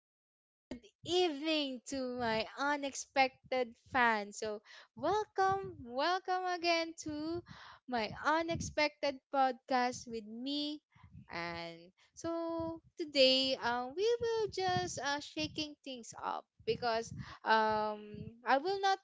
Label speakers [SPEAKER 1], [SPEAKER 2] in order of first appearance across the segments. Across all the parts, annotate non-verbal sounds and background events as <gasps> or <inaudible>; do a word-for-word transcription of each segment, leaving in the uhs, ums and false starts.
[SPEAKER 1] and good evening to my unexpected fans. So, welcome, welcome again to my unexpected podcast with me. And so today, uh, we will just uh, shaking things up because um, I will not,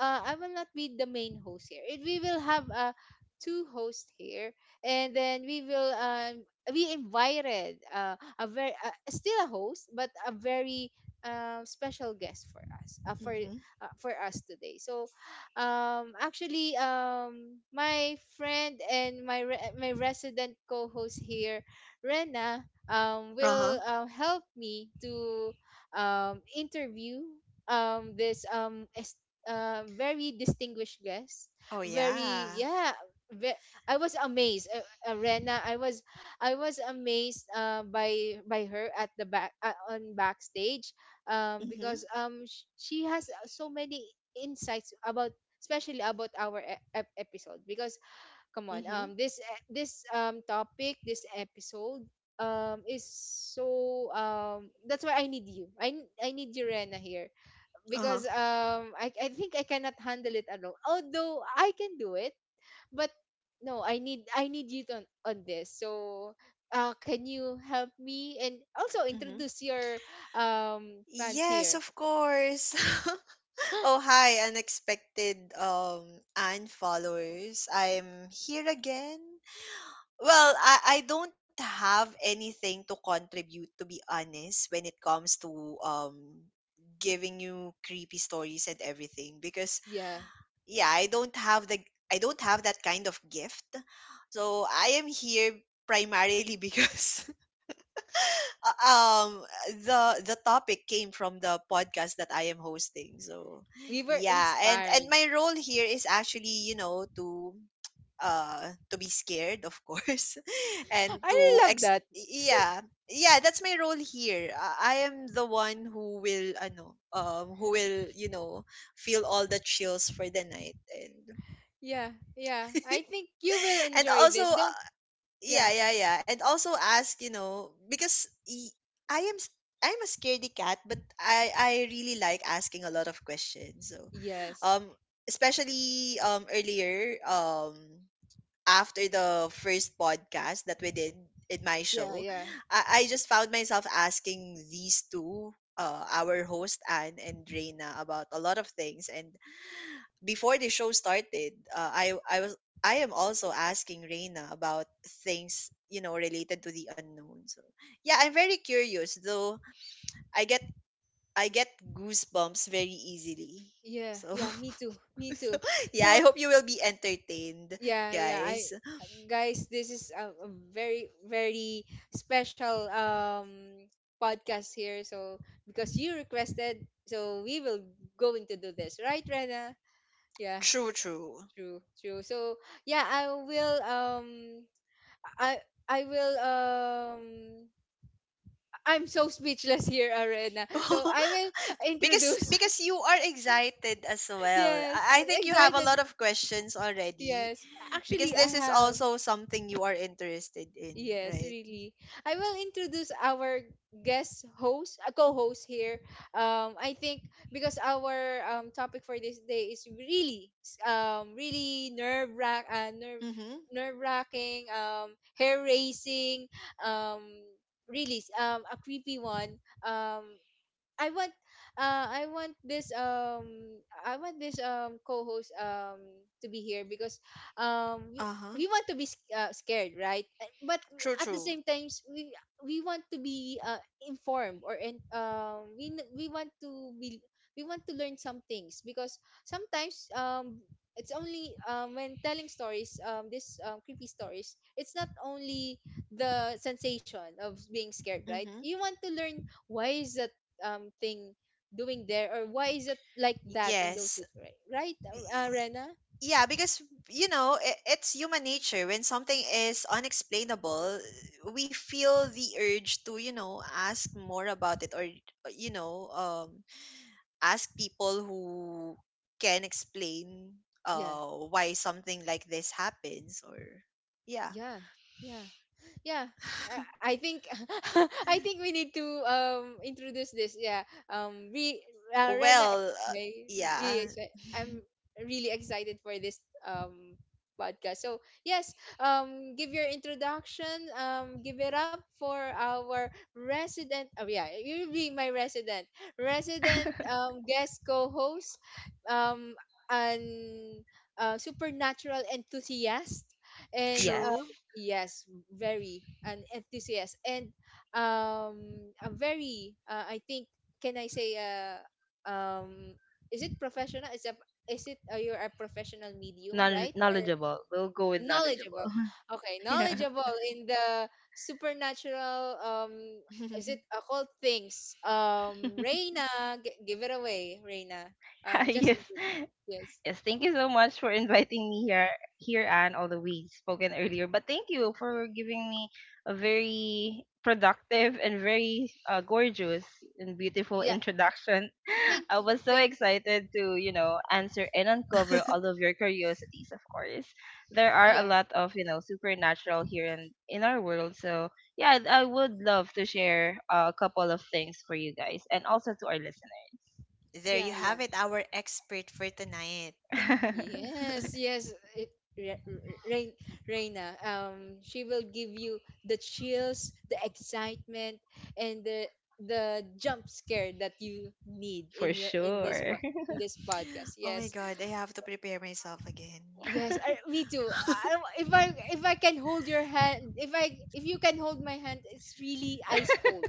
[SPEAKER 1] uh, I will not be the main host here. It, we will have uh, two hosts here, and then we will um we invited uh, a very uh, still a host but a very um, special guest for us uh, for
[SPEAKER 2] Mhm.
[SPEAKER 1] uh, for us today. So um actually um my friend and my re- my resident co-host here, Rena, um
[SPEAKER 2] Uh-huh.
[SPEAKER 1] will um, help me to um interview um this um est- uh, very distinguished guest.
[SPEAKER 2] Oh
[SPEAKER 1] Very,
[SPEAKER 2] yeah.
[SPEAKER 1] yeah. ve- I was amazed, uh, uh, Rena. I was I was amazed uh, by by her at the back, uh, on backstage, um,
[SPEAKER 2] Mhm.
[SPEAKER 1] because um sh- she has uh, so many insights about, especially about our e- ep- episode. Because come on,
[SPEAKER 2] Mhm.
[SPEAKER 1] um this e- this um topic, this episode um is so um that's why I need you, I n- I need you, Rena, here
[SPEAKER 2] Uh-huh.
[SPEAKER 1] because um I I think I cannot handle it alone, although I can do it, but no, i need i need you on on this. So uh can you help me and also
[SPEAKER 2] Mhm.
[SPEAKER 1] introduce your um fans
[SPEAKER 2] Yes,
[SPEAKER 1] here?
[SPEAKER 2] of course. <laughs> oh hi, unexpected um and followers. I'm here again. Well, I I don't have anything to contribute, to be honest, when it comes to um giving you creepy stories and everything because
[SPEAKER 1] Yeah,
[SPEAKER 2] yeah, i don't have the i don't have that kind of gift, so i am here primarily <laughs> because um the the topic came from the podcast that i am hosting. So
[SPEAKER 1] we were
[SPEAKER 2] yeah, and and
[SPEAKER 1] inspired.
[SPEAKER 2] my role here is actually, you know, to uh to be scared, of course, <laughs> and
[SPEAKER 1] <gasps> I
[SPEAKER 2] to
[SPEAKER 1] really love
[SPEAKER 2] ex
[SPEAKER 1] that.
[SPEAKER 2] yeah, yeah that's my role here. Uh, i am the one who will ano um who will, you know, feel all the chills for the night. And
[SPEAKER 1] Yeah, yeah, I
[SPEAKER 2] <laughs>
[SPEAKER 1] think you will
[SPEAKER 2] and
[SPEAKER 1] enjoy
[SPEAKER 2] also
[SPEAKER 1] this, don't.
[SPEAKER 2] uh,
[SPEAKER 1] Yeah.
[SPEAKER 2] yeah yeah yeah and also ask, you know, because y- i am s- i'm a scaredy cat, but i i really like asking a lot of questions. So
[SPEAKER 1] Yes.
[SPEAKER 2] um especially um earlier, um after the first podcast that we did in my
[SPEAKER 1] Yeah,
[SPEAKER 2] show,
[SPEAKER 1] yeah,
[SPEAKER 2] i, I just found myself asking these two, uh, our host Anne and Reina, about a lot of things. And before the show started, uh, I I was I am also asking Reina about things, you know, related to the unknown. So yeah, I'm very curious, though. I get I get goosebumps very easily.
[SPEAKER 1] yeah,
[SPEAKER 2] So,
[SPEAKER 1] yeah, me too,
[SPEAKER 2] <laughs>
[SPEAKER 1] me
[SPEAKER 2] so
[SPEAKER 1] too.
[SPEAKER 2] yeah, I
[SPEAKER 1] So
[SPEAKER 2] hope you will be entertained,
[SPEAKER 1] yeah, yeah. I
[SPEAKER 2] guys.
[SPEAKER 1] guys, this is a, a very very special um podcast here. So because you requested, so we will going to do this, right, Rena? Yeah,
[SPEAKER 2] True, true.
[SPEAKER 1] true, true. So yeah, I will um I I will um I'm so speechless here, Arena. So
[SPEAKER 2] <laughs>
[SPEAKER 1] I will
[SPEAKER 2] because
[SPEAKER 1] introduce. <laughs>
[SPEAKER 2] because you are excited as well.
[SPEAKER 1] Yes,
[SPEAKER 2] I I
[SPEAKER 1] I'm
[SPEAKER 2] think you have a lot
[SPEAKER 1] excited.
[SPEAKER 2] of questions already,
[SPEAKER 1] Yes,
[SPEAKER 2] because
[SPEAKER 1] actually, I
[SPEAKER 2] this is
[SPEAKER 1] have.
[SPEAKER 2] also something you are interested in,
[SPEAKER 1] Yes,
[SPEAKER 2] right?
[SPEAKER 1] really. I will introduce our guest host, uh, co-host here. Um, I think because our um topic for this day is really um really nerve wrack uh, nerve
[SPEAKER 2] Mm-hmm.
[SPEAKER 1] nerve wracking, um hair raising, um really um a creepy one. um I want uh I want this um I want this um co-host um to be here because um we,
[SPEAKER 2] Uh-huh.
[SPEAKER 1] we want to be sc- uh, scared, right? Uh, but
[SPEAKER 2] True,
[SPEAKER 1] at the
[SPEAKER 2] true.
[SPEAKER 1] same times we we want to be uh, informed or in, um we n- we want to be, we want to learn some things because sometimes um it's only um, when telling stories, um this um, creepy stories, it's not only the sensation of being scared,
[SPEAKER 2] Mm-hmm.
[SPEAKER 1] right? You want to learn, why is that um thing doing there, or why is it like that in those
[SPEAKER 2] Yes.
[SPEAKER 1] situations, right?
[SPEAKER 2] Y-
[SPEAKER 1] Right, uh, Rena?
[SPEAKER 2] Yeah, because, you know, I it's human nature. When something is unexplainable, we feel the urge to, you know, ask more about it, or, you know, um ask people who can explain
[SPEAKER 1] Yeah,
[SPEAKER 2] uh why something like this happens. Or yeah. <laughs>
[SPEAKER 1] yeah, yeah, yeah. <laughs> I think, <laughs> I think we need to um introduce this, yeah, um re uh, Rena.
[SPEAKER 2] Well, uh,
[SPEAKER 1] Anyway, really
[SPEAKER 2] yeah.
[SPEAKER 1] exci- I'm really excited for this um podcast, so yes, um give your introduction. Um give it up for our resident, oh yeah, you'll be my resident resident
[SPEAKER 3] <laughs>
[SPEAKER 1] um guest co-host, um an uh, supernatural enthusiast
[SPEAKER 2] <laughs>
[SPEAKER 1] and
[SPEAKER 3] Yes.
[SPEAKER 2] True.
[SPEAKER 1] yes, very an enthusiast, and um a very uh, I think, can I say uh um is it professional? Is a is it uh, you're a professional medium,
[SPEAKER 3] Knowl
[SPEAKER 1] right? Or
[SPEAKER 3] knowledgeable. We'll go with knowledgeable.
[SPEAKER 1] knowledgeable.
[SPEAKER 3] <laughs>
[SPEAKER 1] Okay,
[SPEAKER 3] Yeah.
[SPEAKER 1] knowledgeable in the supernatural um is it occult things? Um Reina, g- give it away, Reina.
[SPEAKER 3] <laughs>
[SPEAKER 1] Um just
[SPEAKER 3] Yes.
[SPEAKER 1] in case. Yes.
[SPEAKER 3] Yes, thank you so much for inviting me here, here and although we spoken earlier. But thank you for giving me a very productive and very uh, gorgeous and beautiful
[SPEAKER 1] Yeah,
[SPEAKER 3] introduction. <laughs>
[SPEAKER 1] thank
[SPEAKER 3] I
[SPEAKER 1] you.
[SPEAKER 3] was so
[SPEAKER 1] Thank you.
[SPEAKER 3] excited to, you know, answer and uncover
[SPEAKER 2] <laughs>
[SPEAKER 3] all of your curiosities. Of course, there are a
[SPEAKER 1] Yeah.
[SPEAKER 3] lot of you know supernatural here in in our world. So yeah, I I would love to share uh, a couple of things for you guys and also to our listeners.
[SPEAKER 2] There you
[SPEAKER 1] Yeah, yeah.
[SPEAKER 2] have it, our expert for tonight.
[SPEAKER 1] Yes, yes, it, Re- Re- Rein, Reina. Um, she will give you the chills, the excitement, and the the jump scare that you need
[SPEAKER 3] <laughs> For
[SPEAKER 1] in your in this
[SPEAKER 3] sure.
[SPEAKER 1] po-
[SPEAKER 3] <laughs>
[SPEAKER 1] in this
[SPEAKER 2] <gasps>
[SPEAKER 1] podcast.
[SPEAKER 2] Oh my
[SPEAKER 1] Yes,
[SPEAKER 2] god, I have to prepare myself again.
[SPEAKER 1] yes. I, me too. I, if I, if I can hold your hand, if I if you can hold my hand, it's really ice cold.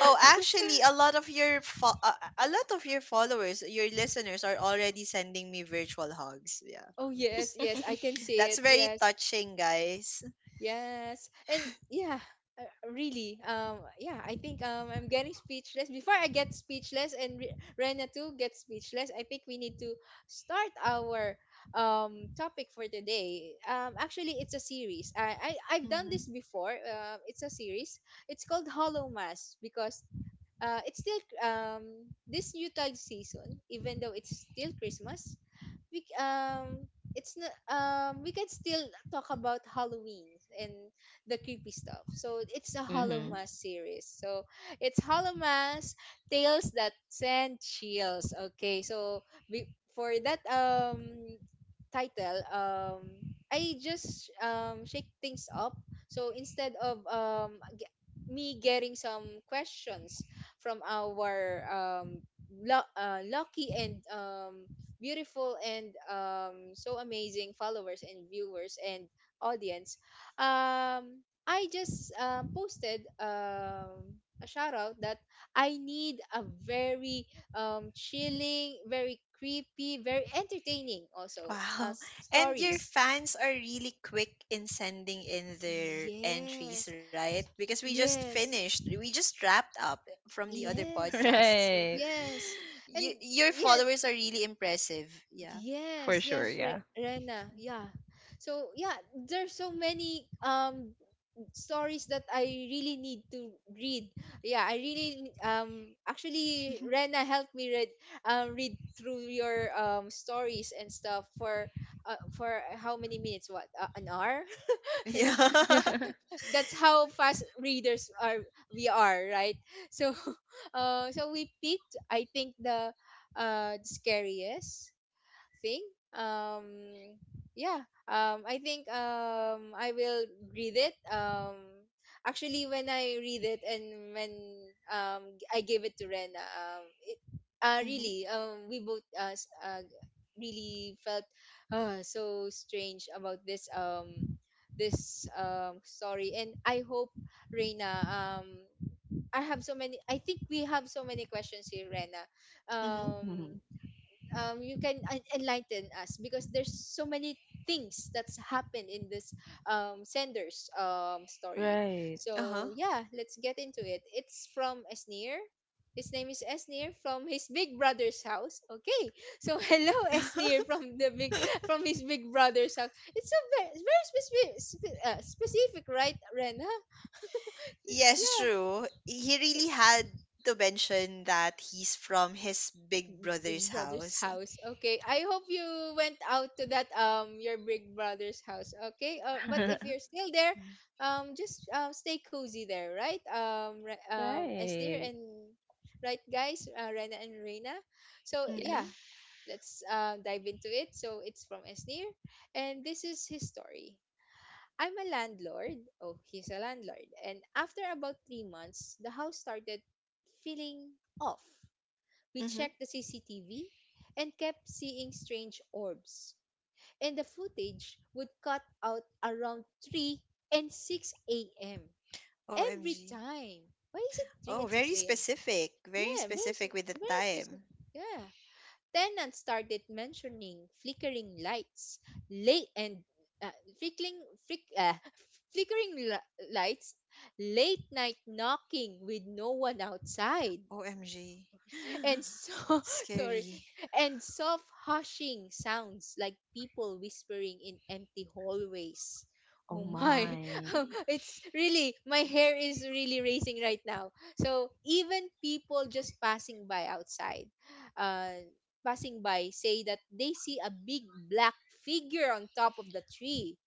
[SPEAKER 2] Oh, actually, a lot of your fo- uh, a lot of your followers, your listeners, are already sending me virtual hugs. Yeah,
[SPEAKER 1] Oh
[SPEAKER 2] because
[SPEAKER 1] yes, yes. I can see
[SPEAKER 2] that's
[SPEAKER 1] it.
[SPEAKER 2] very
[SPEAKER 1] Yes.
[SPEAKER 2] touching, guys.
[SPEAKER 1] Yes, and yeah, uh, really. Um, yeah, I think um, I'm getting speechless. Before I get speechless and Re- Rena too gets speechless, I think we need to start our um topic for today. Um, actually, it's a series. I, I I've done
[SPEAKER 2] Mhm.
[SPEAKER 1] this before. Um, it's a series. It's called Hollow Mass because uh, it's still um this Yutal season, even though it's still Christmas, we c- um it's not um we can still talk about Halloween and the creepy stuff. So it's a Hollow
[SPEAKER 3] hmm
[SPEAKER 2] Mhm.
[SPEAKER 1] Mass series. So it's Hollow Mass Tales That Send Chills. Okay, so be, for that um title, um I just um shake things up. So instead of um ge- me getting some questions from our um lu- uh, lucky and um beautiful and um, so amazing followers and viewers and audience, um, I just um, posted um, a shout out that I need a very um, chilling, very creepy, very entertaining also uh,
[SPEAKER 2] Wow. <laughs>
[SPEAKER 1] s-
[SPEAKER 2] And your
[SPEAKER 1] stories.
[SPEAKER 2] fans are really quick in sending in their entries,
[SPEAKER 1] Yes,
[SPEAKER 2] right? Because we just
[SPEAKER 1] yes,
[SPEAKER 2] finished, we just wrapped up from the other
[SPEAKER 1] yes,
[SPEAKER 2] podcast. So
[SPEAKER 3] Right.
[SPEAKER 1] yes,
[SPEAKER 2] <gasps> <sighs> you,
[SPEAKER 1] and
[SPEAKER 2] your
[SPEAKER 1] yes.
[SPEAKER 2] followers are really impressive. Yeah. <laughs>
[SPEAKER 3] For
[SPEAKER 1] Yes,
[SPEAKER 3] sure,
[SPEAKER 1] yes, Re-
[SPEAKER 3] yeah.
[SPEAKER 1] Rena. Yeah. So yeah, there's so many um stories that I really need to read. Yeah, I really um actually Rena helped me read um read through your um stories and stuff for uh, for how many minutes? What, uh, an hour? <laughs> Yeah,
[SPEAKER 2] Yeah.
[SPEAKER 1] yeah.
[SPEAKER 3] <laughs>
[SPEAKER 1] That's how fast readers are we are, right? So, <laughs> uh, so we picked, I think, the uh the scariest thing. Um, yeah. Um, I think um I will read it. Um, actually, when I read it and when um I gave it to Rena, um, it uh
[SPEAKER 2] Mm-hmm.
[SPEAKER 1] really um we both uh, s- uh really felt uh so strange about this um this um story, and I hope Reina um I have so many, I think we have so many questions here, Rena,
[SPEAKER 2] Mm-hmm.
[SPEAKER 1] um
[SPEAKER 3] Mhm.
[SPEAKER 1] um, you can en- enlighten us because there's so many things that's happened in this um, sender's um, story.
[SPEAKER 3] Right.
[SPEAKER 2] Uh-huh.
[SPEAKER 1] So yeah, let's get into it. It's from Esnir. His name is Esnir, from his big brother's house. Okay, so <laughs> hello Esnir, from the big
[SPEAKER 2] <laughs>
[SPEAKER 1] from his big brother's house. It's a very, very specific, spe- uh, specific, right, Rena?
[SPEAKER 2] Yes,
[SPEAKER 1] Yeah,
[SPEAKER 2] true. He really had to mention that he's from his big
[SPEAKER 1] Big
[SPEAKER 2] brother's
[SPEAKER 1] Brother's
[SPEAKER 2] house.
[SPEAKER 1] house. Okay. I hope you went out to that um your Big Brother's house. Okay. Uh, but if you're
[SPEAKER 3] <laughs>
[SPEAKER 1] still there, um just um stay cozy there, right? Um Re- um Esnir,
[SPEAKER 3] Right.
[SPEAKER 1] and right guys, uh, Rena and Reina. So
[SPEAKER 3] Yes.
[SPEAKER 2] Mm-hmm.
[SPEAKER 1] yeah, let's uh, dive into it. So it's from Esnir, and this is his story. I'm a landlord. Oh, he's a landlord. And after about three months, the house started feeling off. We
[SPEAKER 2] Mm-hmm.
[SPEAKER 1] checked the C C T V and kept seeing strange orbs, and the footage would cut out around three and six a m every
[SPEAKER 2] O M G.
[SPEAKER 1] time. Why is it three
[SPEAKER 2] Oh,
[SPEAKER 1] and
[SPEAKER 2] very
[SPEAKER 1] six a m?
[SPEAKER 2] specific. Very
[SPEAKER 1] Yeah, where's
[SPEAKER 2] specific with the
[SPEAKER 1] where's visit?
[SPEAKER 2] time.
[SPEAKER 1] Yeah. Tenants started mentioning flickering lights, late and uh, flickering flick, uh, <laughs> flickering li- lights, late night knocking with no one outside,
[SPEAKER 2] O M G.
[SPEAKER 1] and
[SPEAKER 2] <laughs>
[SPEAKER 1] so
[SPEAKER 2] <gasps>
[SPEAKER 1] <laughs> sorry,
[SPEAKER 2] Scary.
[SPEAKER 1] and soft hushing sounds like people whispering in empty hallways.
[SPEAKER 3] Oh
[SPEAKER 1] Oh my. <laughs>
[SPEAKER 3] my.
[SPEAKER 1] It's really, my hair is really raising right now. So even people just passing by outside, uh passing by, say that they see a big black figure on top of the tree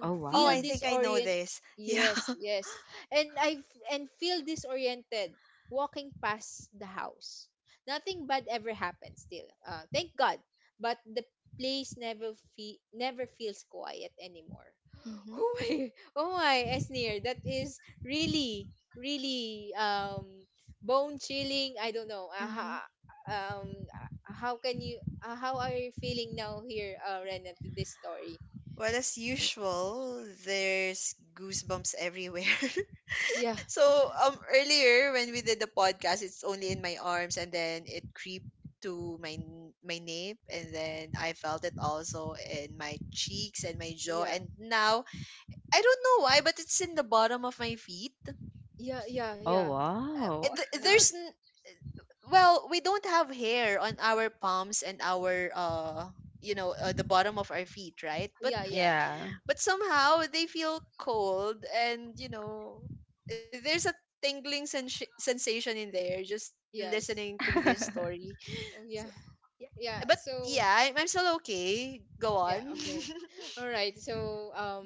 [SPEAKER 3] Oh
[SPEAKER 2] Oh,
[SPEAKER 1] feel
[SPEAKER 2] I
[SPEAKER 3] wow.
[SPEAKER 2] think I know
[SPEAKER 1] disorient.
[SPEAKER 2] this. <laughs> Yeah.
[SPEAKER 1] Yes, yes, and i f- and feel disoriented walking past the house. Nothing bad ever happens still, uh, thank god, but the place never fe- never feels quiet anymore.
[SPEAKER 2] Mm-hmm.
[SPEAKER 1] <laughs> Oh my, oh my, Esnir, that is really really um bone chilling. I don't know, uh,
[SPEAKER 2] Mm-hmm.
[SPEAKER 1] ha- um uh, how can you uh, how are you feeling now here, uh, Rena, to this story?
[SPEAKER 2] Well, as usual, there's goosebumps everywhere. <laughs>
[SPEAKER 1] Yeah.
[SPEAKER 2] So, um, earlier when we did the podcast, it's only in my arms, and then it creeped to my n- my nape, and then I felt it also in my cheeks and my jaw,
[SPEAKER 1] Yeah,
[SPEAKER 2] and now I don't know why, but it's in the bottom of my feet.
[SPEAKER 1] yeah, yeah,
[SPEAKER 3] Oh
[SPEAKER 1] yeah.
[SPEAKER 2] Uh,
[SPEAKER 3] wow.
[SPEAKER 2] th- there's
[SPEAKER 1] Wow.
[SPEAKER 2] n- well, we don't have hair on our palms and our uh you know, uh, the bottom of our feet, right?
[SPEAKER 3] <laughs>
[SPEAKER 2] but
[SPEAKER 1] Yeah, yeah,
[SPEAKER 3] Yeah.
[SPEAKER 2] but somehow they feel cold, and you know, there's a tingling sens- sensation in there, just
[SPEAKER 1] yes.
[SPEAKER 2] listening to this
[SPEAKER 3] <laughs>
[SPEAKER 2] story.
[SPEAKER 1] Oh, yeah,
[SPEAKER 2] So yeah,
[SPEAKER 1] yeah.
[SPEAKER 2] but yeah,
[SPEAKER 1] So,
[SPEAKER 2] I- I'm still okay. Go
[SPEAKER 1] yeah,
[SPEAKER 2] on.
[SPEAKER 1] okay.
[SPEAKER 2] <laughs>
[SPEAKER 1] <laughs> All right. So, um,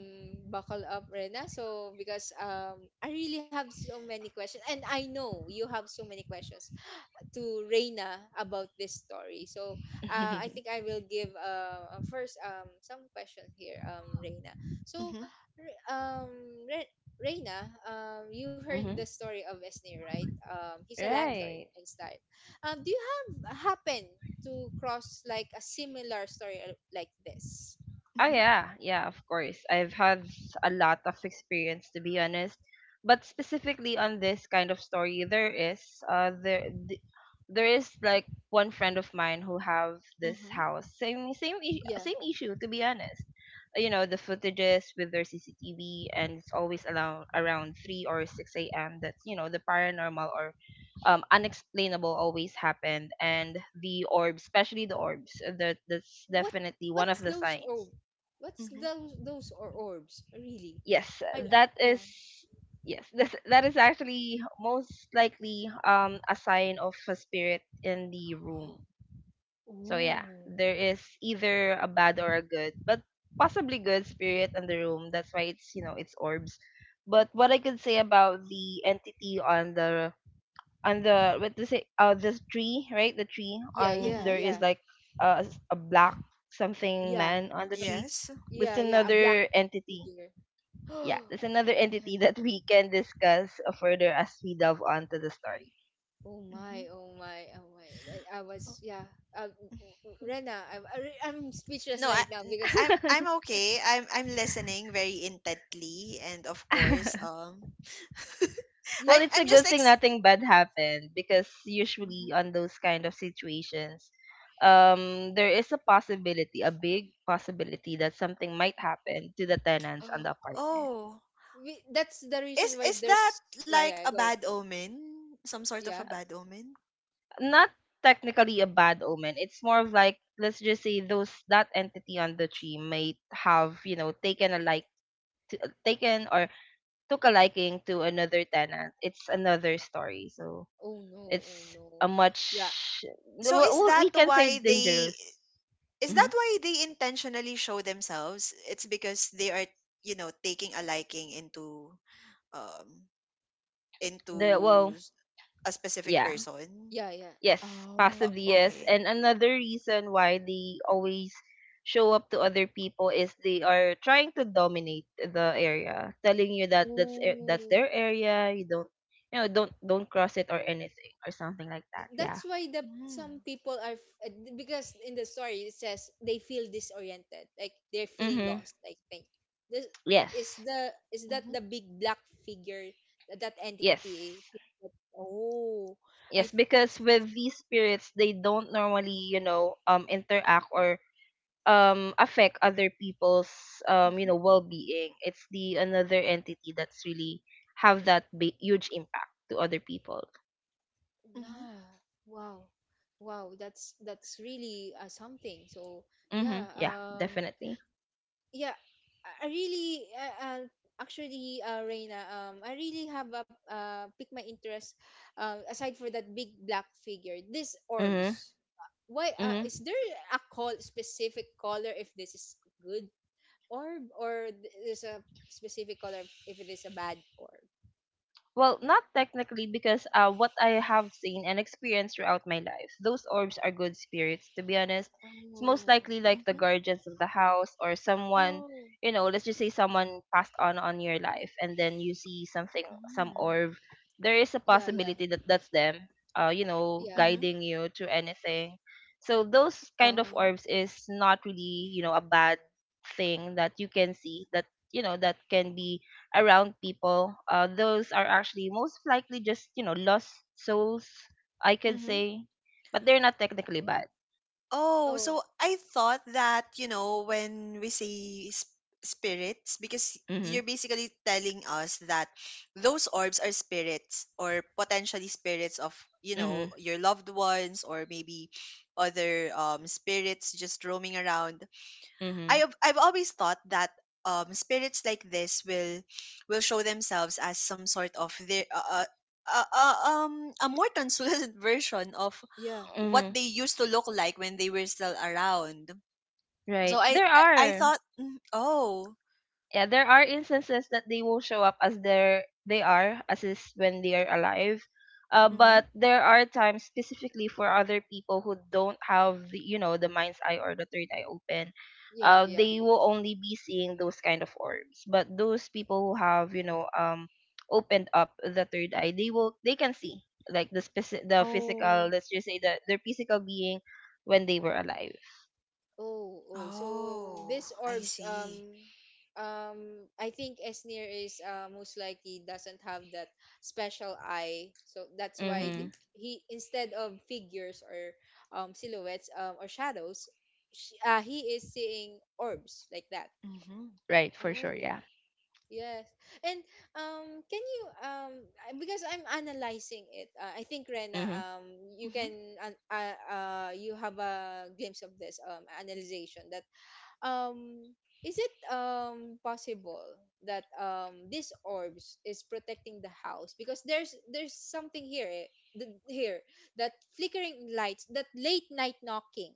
[SPEAKER 1] buckle up, Rena. So, because um, I really have so many questions, and I know you have so many questions to Reina about this story. So uh, I think I will give uh, uh, first um, some question here, um, Reina. So
[SPEAKER 2] Mhm.
[SPEAKER 1] Re- um, Re- Reina, um, you heard the
[SPEAKER 3] hmm
[SPEAKER 1] story of Esnir, right? Um, he's a landlord
[SPEAKER 3] Right.
[SPEAKER 1] and stuff. Um, do you have happen to cross like a similar story, uh, like this?
[SPEAKER 3] Oh
[SPEAKER 2] Mhm.
[SPEAKER 3] yeah, yeah, of course. I've had s- a lot of experience, to be honest, but specifically on this kind of story, there is uh there th- there is like one friend of mine who have this
[SPEAKER 2] Mhm.
[SPEAKER 3] house, same same i-
[SPEAKER 1] Yeah.
[SPEAKER 3] same issue, to be honest. You know, the footages with their C C T V, and it's always around around three or six a m. That's, you know, the paranormal or um unexplainable always happened. And the orbs, especially the orbs, that that's
[SPEAKER 1] What
[SPEAKER 3] definitely one
[SPEAKER 1] what's
[SPEAKER 3] of the
[SPEAKER 1] those
[SPEAKER 3] signs.
[SPEAKER 1] orb? What's
[SPEAKER 2] Mhm.
[SPEAKER 1] those those or orbs really?
[SPEAKER 3] yes
[SPEAKER 1] I uh,
[SPEAKER 3] that
[SPEAKER 1] yeah.
[SPEAKER 3] is yes this, that is actually most likely um a sign of a spirit in the room.
[SPEAKER 1] <gasps>
[SPEAKER 3] So yeah,
[SPEAKER 1] Oh.
[SPEAKER 3] there is either a bad or a good, but possibly good, spirit in the room. That's why it's you know it's orbs. But what I could say about the entity on the on the what to say uh this tree, right? The tree
[SPEAKER 1] Yeah,
[SPEAKER 3] on
[SPEAKER 1] yeah,
[SPEAKER 3] there
[SPEAKER 2] Mhm.
[SPEAKER 3] is
[SPEAKER 1] yeah,
[SPEAKER 3] like a, a black something
[SPEAKER 1] yeah,
[SPEAKER 3] man on the
[SPEAKER 1] a,
[SPEAKER 3] tree,
[SPEAKER 2] Yes.
[SPEAKER 3] with
[SPEAKER 1] yeah, yeah. A black
[SPEAKER 3] another entity.
[SPEAKER 1] figure. <gasps>
[SPEAKER 3] Yeah, that's another
[SPEAKER 1] Yeah.
[SPEAKER 3] entity that we can discuss uh, further as we delve onto the story.
[SPEAKER 1] Oh my,
[SPEAKER 2] Mhm.
[SPEAKER 1] oh my, oh my. I, I was, yeah. Uh, Rena, I'm I re- I'm speechless
[SPEAKER 2] No, I,
[SPEAKER 1] right now
[SPEAKER 2] i am I, n-
[SPEAKER 1] because
[SPEAKER 2] I'm I'm
[SPEAKER 3] <laughs>
[SPEAKER 2] okay. I'm I'm listening very intently, and of course,
[SPEAKER 3] <laughs>
[SPEAKER 2] um, <laughs>
[SPEAKER 1] yeah.
[SPEAKER 3] Well,
[SPEAKER 2] I'm
[SPEAKER 3] it's a
[SPEAKER 2] I'm just
[SPEAKER 3] good thing
[SPEAKER 2] ex.
[SPEAKER 3] nothing bad happened, because usually
[SPEAKER 2] Mhm.
[SPEAKER 3] on those kind of situations, um, there is a possibility, a big possibility, that something might happen to the tenants on
[SPEAKER 1] Oh,
[SPEAKER 3] the apartment.
[SPEAKER 2] Oh,
[SPEAKER 1] we, that's the
[SPEAKER 2] is
[SPEAKER 1] reason why
[SPEAKER 2] is that
[SPEAKER 1] there's yeah,
[SPEAKER 2] like
[SPEAKER 1] yeah.
[SPEAKER 2] a
[SPEAKER 1] Go
[SPEAKER 2] bad omen? Some sort of
[SPEAKER 1] yeah.
[SPEAKER 2] a bad omen?
[SPEAKER 3] Not technically a bad omen. It's more of like, let's just say, those, that entity on the tree might have, you know, taken a like to, taken or took a liking to another tenant. It's another story. So
[SPEAKER 1] Oh no, oh
[SPEAKER 3] it's
[SPEAKER 1] no.
[SPEAKER 3] a
[SPEAKER 1] Yeah,
[SPEAKER 3] much—
[SPEAKER 2] So
[SPEAKER 3] well,
[SPEAKER 2] is
[SPEAKER 3] well, we
[SPEAKER 2] that
[SPEAKER 3] can say
[SPEAKER 2] why they
[SPEAKER 3] dangerous.
[SPEAKER 2] is that
[SPEAKER 3] hmm
[SPEAKER 2] why they intentionally show themselves? It's because they are, you know, taking a liking into um
[SPEAKER 3] The—
[SPEAKER 2] into
[SPEAKER 3] well,
[SPEAKER 2] s- a specific
[SPEAKER 3] yeah,
[SPEAKER 2] person.
[SPEAKER 1] yeah, yeah.
[SPEAKER 3] yes,
[SPEAKER 2] Uh,
[SPEAKER 1] Oh,
[SPEAKER 3] possibly yes.
[SPEAKER 2] okay.
[SPEAKER 3] And another reason why they always show up to other people is they are trying to dominate the area, telling you that that's a- that's
[SPEAKER 1] oh.
[SPEAKER 3] their area. You don't, you know, don't don't cross it or anything or something like that. Yeah.
[SPEAKER 1] That's why the
[SPEAKER 2] Mm-hmm.
[SPEAKER 1] some people are f- because in the story it says they feel disoriented, like they're feeling
[SPEAKER 3] Mm-hmm.
[SPEAKER 1] lost. Like, think this is
[SPEAKER 3] Yes.
[SPEAKER 1] the is that
[SPEAKER 2] Mm-hmm.
[SPEAKER 1] the big black figure, that, that
[SPEAKER 3] Yes.
[SPEAKER 1] entity? oh i
[SPEAKER 3] Yes,
[SPEAKER 1] th-
[SPEAKER 3] because with these spirits, they don't normally, you know, um, interact or um affect other people's, um, you know, well-being. It's the another entity that's really have that big, huge impact to other people.
[SPEAKER 2] Mm-hmm.
[SPEAKER 1] nah Wow. Wow, that's that's really uh, something. So yeah.
[SPEAKER 3] Mhm. Yeah,
[SPEAKER 1] Um
[SPEAKER 3] definitely.
[SPEAKER 1] yeah, i I really uh, uh, actually, uh, Reina, um I really have a uh, picked my interest, uh, aside for that big black figure, this
[SPEAKER 3] Mhm.
[SPEAKER 1] orbs. Why uh, is there a call specific color if this is good orb, or th- there's a specific color if it is a bad orb?
[SPEAKER 3] Well, not technically, because uh, what I have seen and experienced throughout my life, those orbs are good spirits, to be honest. It's most
[SPEAKER 1] Oh.
[SPEAKER 3] likely like
[SPEAKER 2] Mhm,
[SPEAKER 3] the guardians of the house or someone,
[SPEAKER 1] oh
[SPEAKER 3] you know, let's just say someone passed on on your life and then you see something, some
[SPEAKER 2] mm,
[SPEAKER 3] orb. There is a
[SPEAKER 1] yeah yeah
[SPEAKER 3] possibility that that's them, uh, you know,
[SPEAKER 1] yeah
[SPEAKER 2] mhm.
[SPEAKER 3] guiding you to anything. So those kind of
[SPEAKER 2] Oh.
[SPEAKER 3] orbs is not really, you know, a bad thing that you can see, that, you know, that can be around people. Uh, those are actually most likely just, you know, lost souls, I could
[SPEAKER 2] Mhm.
[SPEAKER 3] say, but they're not technically bad.
[SPEAKER 2] Oh,
[SPEAKER 1] oh
[SPEAKER 2] so I thought that, you know, when we say sp spirits, because
[SPEAKER 3] Mhm.
[SPEAKER 2] you're basically telling us that those orbs are spirits, or potentially spirits of, you know,
[SPEAKER 3] Mhm.
[SPEAKER 2] your loved ones, or maybe other um spirits just roaming around. I
[SPEAKER 3] Mhm.
[SPEAKER 2] have I've always thought that um spirits like this will will show themselves as some sort of their uh, uh, uh, uh, um a more translucent <laughs> version of
[SPEAKER 1] yeah
[SPEAKER 2] what
[SPEAKER 3] Mhm.
[SPEAKER 2] they used to look like when they were still around.
[SPEAKER 3] Right.
[SPEAKER 2] So I
[SPEAKER 3] There
[SPEAKER 2] I, I
[SPEAKER 3] are.
[SPEAKER 2] thought mm, oh.
[SPEAKER 3] Yeah, there are instances that they will show up as their— they are as is when they are alive, uh,
[SPEAKER 2] Mm-hmm.
[SPEAKER 3] but there are times, specifically for other people who don't have the, you know, the mind's eye or the third eye open,
[SPEAKER 1] yeah
[SPEAKER 3] uh,
[SPEAKER 1] yeah
[SPEAKER 3] they will only be seeing those kind of orbs. But those people who have, you know, um opened up the third eye, they will they can see like the speci- the
[SPEAKER 1] Oh.
[SPEAKER 3] physical, let's just say that their physical being when they were alive.
[SPEAKER 1] Oh, oh. So
[SPEAKER 2] Oh,
[SPEAKER 1] this
[SPEAKER 2] I
[SPEAKER 1] orbs,
[SPEAKER 2] see.
[SPEAKER 1] um, um, I think Esnir is uh, most likely doesn't have that special eye. So that's why th-
[SPEAKER 2] Mm-hmm.
[SPEAKER 3] Mhm.
[SPEAKER 1] he, instead of figures or um silhouettes um or shadows, sh uh, he is seeing orbs like that.
[SPEAKER 2] Mm-hmm.
[SPEAKER 3] Right, for sure.
[SPEAKER 1] Oh.
[SPEAKER 3] Yeah.
[SPEAKER 1] Yes. And um can you um I- because I'm analyzing it. Uh, I think Rena,
[SPEAKER 3] Mhm.
[SPEAKER 1] um you
[SPEAKER 2] Mm-hmm.
[SPEAKER 1] can uh, uh, uh you have a glimpse of this um analyzation. That um is it um possible that um this orbs is protecting the house because there's there's something here, eh, th- here, that flickering lights, that late night knocking?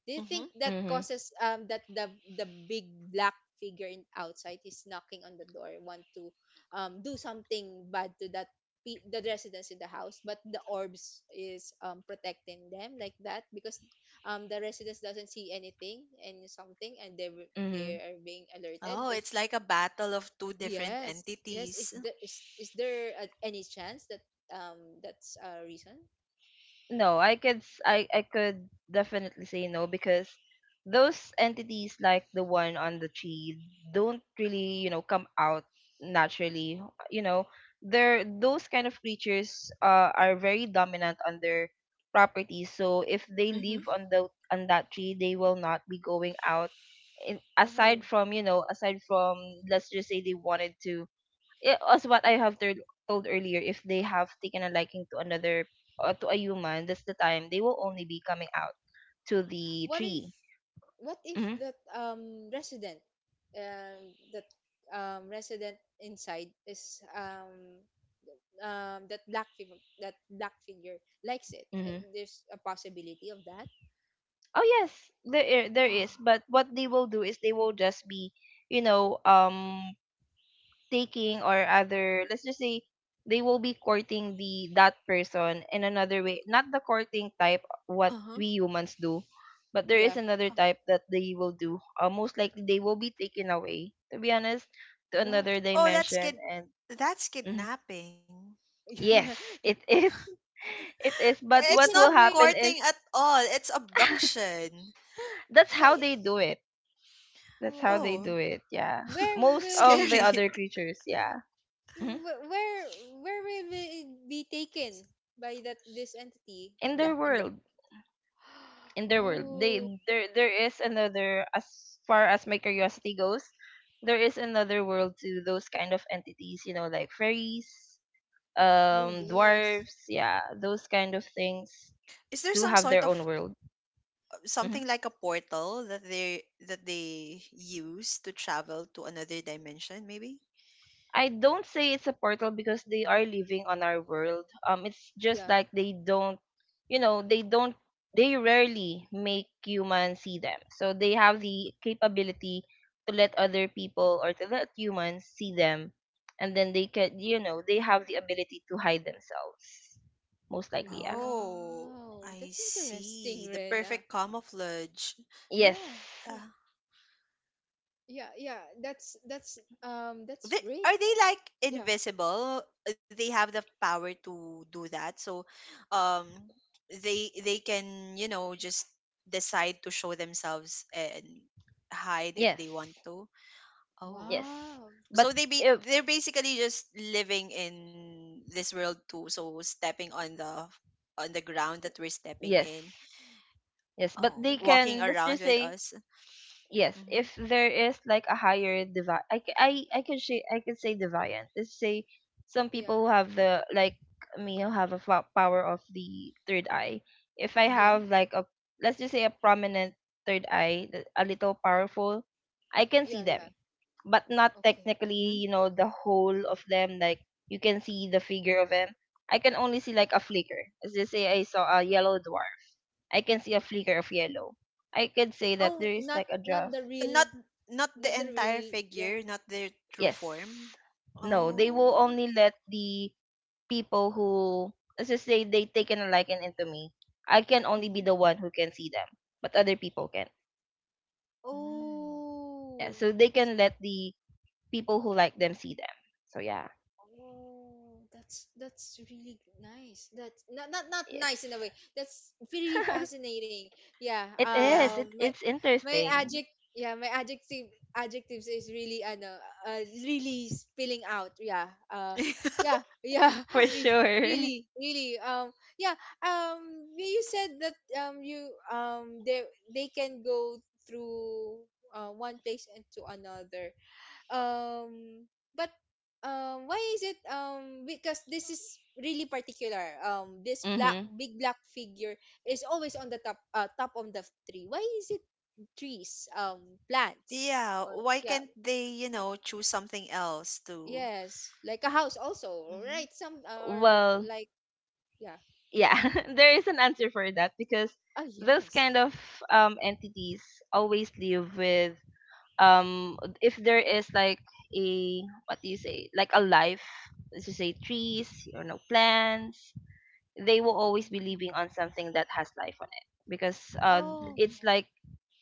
[SPEAKER 1] Do you think
[SPEAKER 2] Mm-hmm.
[SPEAKER 1] that
[SPEAKER 3] Mhm.
[SPEAKER 1] causes um that the the big black figure in outside is knocking on the door, want to um do something bad to that pe- the residents in the house? But the orbs is um protecting them like that because um the residents doesn't see anything and something, and they were- they
[SPEAKER 3] Mhm.
[SPEAKER 1] are being alerted.
[SPEAKER 2] Oh,
[SPEAKER 1] There's…
[SPEAKER 2] it's like a battle of two different
[SPEAKER 1] Yes, yes, is
[SPEAKER 2] entities.
[SPEAKER 1] there is is there uh, any chance that um that's a reason?
[SPEAKER 3] No i could s- i i could definitely say no, because those entities like the one on the tree don't really, you know, come out naturally. You know, they're— those kind of creatures uh, are very dominant on their property. So if they
[SPEAKER 2] Mm-hmm.
[SPEAKER 3] live on the— on that tree, they will not be going out, in,
[SPEAKER 1] Oh.
[SPEAKER 3] aside from, you know, aside from let's just say they wanted to— i- as what I have told told earlier, if they have taken a liking to another, uh, to a human, that's the time they will only be coming out to the
[SPEAKER 1] What if,
[SPEAKER 3] tree.
[SPEAKER 1] what if
[SPEAKER 3] Hmm
[SPEAKER 1] that um resident, um that um resident inside is um um that black figure, that black figure likes it? Uh,
[SPEAKER 3] hmm
[SPEAKER 1] there's a possibility of that. <gasps>
[SPEAKER 3] Oh yes, there i- there is.
[SPEAKER 1] Ah,
[SPEAKER 3] But what they will do is they will just be, you know, um, taking or other, let's just say they will be courting the— that person in another way, not the courting type what
[SPEAKER 2] Uh-huh.
[SPEAKER 3] we humans do, but there is
[SPEAKER 1] yeah.
[SPEAKER 3] another type that they will do. uh, most likely they will be taken away, to be honest, to
[SPEAKER 1] Wow.
[SPEAKER 3] another
[SPEAKER 2] oh that's
[SPEAKER 3] dimension.
[SPEAKER 2] kid
[SPEAKER 3] And
[SPEAKER 2] that's
[SPEAKER 3] mhm.
[SPEAKER 2] kidnapping.
[SPEAKER 3] Yes,
[SPEAKER 1] <laughs> Yeah.
[SPEAKER 3] it is. <laughs> It is, but
[SPEAKER 2] It's
[SPEAKER 3] what
[SPEAKER 2] not
[SPEAKER 1] Taken
[SPEAKER 3] will
[SPEAKER 1] away.
[SPEAKER 3] happen
[SPEAKER 2] courting
[SPEAKER 3] is—
[SPEAKER 2] at all. It's
[SPEAKER 3] <laughs>
[SPEAKER 2] abduction.
[SPEAKER 3] that's
[SPEAKER 1] <gasps>
[SPEAKER 3] how
[SPEAKER 1] Wait.
[SPEAKER 3] they do it. that's how
[SPEAKER 1] Oh,
[SPEAKER 3] they do
[SPEAKER 2] Oh,
[SPEAKER 3] it Yeah,
[SPEAKER 1] where
[SPEAKER 2] <laughs>
[SPEAKER 3] most
[SPEAKER 1] will
[SPEAKER 3] of the
[SPEAKER 1] they,
[SPEAKER 2] scary.
[SPEAKER 3] other creatures, yeah. hmm
[SPEAKER 1] wh- where where will they be taken by that, this entity,
[SPEAKER 3] In
[SPEAKER 1] the
[SPEAKER 3] their
[SPEAKER 1] in the…
[SPEAKER 3] world. In
[SPEAKER 1] <gasps>
[SPEAKER 3] their world. They—
[SPEAKER 1] Oh.
[SPEAKER 3] there there is another— as far as my curiosity goes, there is another world to those kind of entities, you know, like fairies,
[SPEAKER 1] Oh,
[SPEAKER 3] um,
[SPEAKER 1] yes.
[SPEAKER 3] dwarves, yeah, those kind of things
[SPEAKER 2] <laughs> Is there
[SPEAKER 3] do
[SPEAKER 2] some
[SPEAKER 3] have
[SPEAKER 2] sort
[SPEAKER 3] their own
[SPEAKER 2] of
[SPEAKER 3] world. Mm-hmm.
[SPEAKER 2] something like a portal that they that they use to travel to another dimension maybe?
[SPEAKER 3] I don't say it's a portal, because they are living on our world. Um, it's just
[SPEAKER 1] Yeah.
[SPEAKER 3] like they don't, you know, they don't— they rarely make humans see them. So they have the capability to let other people, or to let humans, see them, and then they can, you know, they have the ability to hide themselves. Most likely, yeah.
[SPEAKER 2] Oh,
[SPEAKER 1] Wow.
[SPEAKER 2] I
[SPEAKER 1] That's interesting,
[SPEAKER 2] see. The
[SPEAKER 1] Rena.
[SPEAKER 2] perfect camouflage.
[SPEAKER 3] Yes,
[SPEAKER 1] Yeah.
[SPEAKER 2] Uh,
[SPEAKER 1] Yeah. Yeah. Yeah. That's that's um
[SPEAKER 2] They,
[SPEAKER 1] that's great.
[SPEAKER 2] are they like
[SPEAKER 1] Yeah.
[SPEAKER 2] invisible? They have the power to do that. So, um, they they can, you know, just decide to show themselves and hide if they want
[SPEAKER 3] yes,
[SPEAKER 2] to. Oh,
[SPEAKER 3] yes.
[SPEAKER 1] Wow.
[SPEAKER 3] But
[SPEAKER 2] so they be
[SPEAKER 3] if
[SPEAKER 2] they're basically just living in this world too. So stepping on the on the ground that we're stepping in.
[SPEAKER 3] yes, yes, but
[SPEAKER 2] Oh,
[SPEAKER 3] they
[SPEAKER 2] walking
[SPEAKER 3] can.
[SPEAKER 1] Yeah.
[SPEAKER 3] Let's
[SPEAKER 2] around
[SPEAKER 3] just
[SPEAKER 2] with
[SPEAKER 3] say
[SPEAKER 2] us.
[SPEAKER 3] yes,
[SPEAKER 2] Mm-hmm.
[SPEAKER 3] if there is like a higher devi— i c- i i could say i could say deviant, let's say some
[SPEAKER 1] Yeah.
[SPEAKER 3] people who have the like me, who have a fo- power of the third eye. If I
[SPEAKER 1] Yeah.
[SPEAKER 2] Mm-hmm.
[SPEAKER 3] have like a, let's just say, a prominent third eye, th- a little powerful, I can see
[SPEAKER 1] Yeah.
[SPEAKER 3] them,
[SPEAKER 1] Yeah.
[SPEAKER 3] but not
[SPEAKER 1] Okay.
[SPEAKER 3] technically,
[SPEAKER 2] Mm-hmm.
[SPEAKER 3] you know, the whole of them. Like you can see the figure of them, I can only see like a flicker. Let's just say I saw a yellow dwarf, I can see a flicker of yellow. I could say that
[SPEAKER 1] Oh,
[SPEAKER 3] there is
[SPEAKER 1] not
[SPEAKER 3] like a dwarf.
[SPEAKER 1] not the real.
[SPEAKER 2] Not not the
[SPEAKER 1] Not the
[SPEAKER 2] entire
[SPEAKER 1] real. Yeah.
[SPEAKER 2] figure, not their true
[SPEAKER 3] Yes.
[SPEAKER 2] form.
[SPEAKER 3] No, they will
[SPEAKER 2] Oh.
[SPEAKER 1] Oh.
[SPEAKER 3] only let the people who, let's just say, they taken a liking into me. I can only be
[SPEAKER 2] Mm-hmm.
[SPEAKER 3] the one who can see them, but other people can.
[SPEAKER 2] Mm.
[SPEAKER 3] Yeah,
[SPEAKER 1] Oh.
[SPEAKER 3] so they can let the people who like them see them. So yeah,
[SPEAKER 1] Oh, that's that's really nice. That's not not not nice in a
[SPEAKER 3] yes.
[SPEAKER 1] way. That's really
[SPEAKER 3] <laughs>
[SPEAKER 1] fascinating. Yeah.
[SPEAKER 3] It
[SPEAKER 2] Yeah.
[SPEAKER 3] is. It—
[SPEAKER 1] Um. My
[SPEAKER 3] it's
[SPEAKER 1] my
[SPEAKER 3] interesting,
[SPEAKER 1] adject. Yeah. My adjective adjectives is really ano. Uh, really spilling out. Yeah. Uh.
[SPEAKER 2] <laughs>
[SPEAKER 1] Yeah. Yeah. <laughs>
[SPEAKER 3] for
[SPEAKER 1] Re-
[SPEAKER 3] sure.
[SPEAKER 1] really. Really. Um. Yeah. Um. You you said that um you um they they can go through uh one place and to another, um but um why is it, um because this is really particular, um this black
[SPEAKER 3] Mm-hmm.
[SPEAKER 1] big black figure is always on the top, uh, top of the tree? Why is it trees, um plants,
[SPEAKER 2] Yeah.
[SPEAKER 1] or
[SPEAKER 2] Why
[SPEAKER 1] yeah,
[SPEAKER 2] can't they, you know, choose something else to
[SPEAKER 1] yes, like a house also,
[SPEAKER 2] Mm-hmm.
[SPEAKER 1] right? Some are
[SPEAKER 3] Well,
[SPEAKER 1] like, yeah.
[SPEAKER 3] yeah, <laughs> there is an answer for that, because
[SPEAKER 1] Oh,
[SPEAKER 3] those
[SPEAKER 1] yes.
[SPEAKER 3] kind of um entities always live with um if there is like a, what do you say, like a life, let's just say trees or no plants, they will always be
[SPEAKER 1] um,
[SPEAKER 3] living on something that has life on it, because uh
[SPEAKER 1] oh.
[SPEAKER 2] Mm-hmm.
[SPEAKER 3] it's like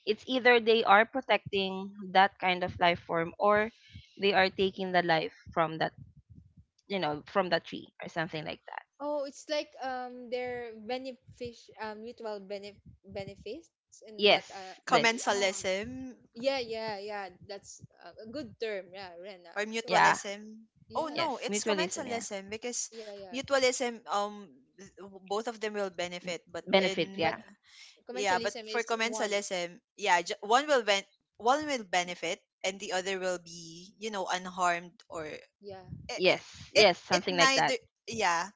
[SPEAKER 3] it's either they are protecting that kind of life form, or they are taking the life from that, you know, from that tree or something like that.
[SPEAKER 1] Oh, it's like um their benefic, um mutual benef- benefits in that uh
[SPEAKER 3] Yes, this.
[SPEAKER 2] Commensalism.
[SPEAKER 1] yeah, yeah, yeah, yeah. That's a a good term. Yeah, Rena.
[SPEAKER 2] Or
[SPEAKER 1] So,
[SPEAKER 3] Yeah,
[SPEAKER 2] mutualism? Oh
[SPEAKER 1] yeah,
[SPEAKER 2] no,
[SPEAKER 3] yes,
[SPEAKER 2] it's
[SPEAKER 3] mutualism, yeah.
[SPEAKER 2] commensalism because
[SPEAKER 1] yeah, yeah.
[SPEAKER 2] mutualism, um, th- both of them will benefit, but
[SPEAKER 1] But
[SPEAKER 3] Benefit,
[SPEAKER 2] in
[SPEAKER 1] but
[SPEAKER 3] yeah.
[SPEAKER 2] Yeah, but
[SPEAKER 1] commensalism
[SPEAKER 2] for
[SPEAKER 1] is one.
[SPEAKER 2] commensalism, yeah, ju- one will ben- one will benefit and the other will be, you know, unharmed. Or it
[SPEAKER 1] Yeah,
[SPEAKER 3] Yes,
[SPEAKER 2] it,
[SPEAKER 3] yes,
[SPEAKER 2] it
[SPEAKER 3] something like
[SPEAKER 2] neither,
[SPEAKER 3] that.
[SPEAKER 2] yeah.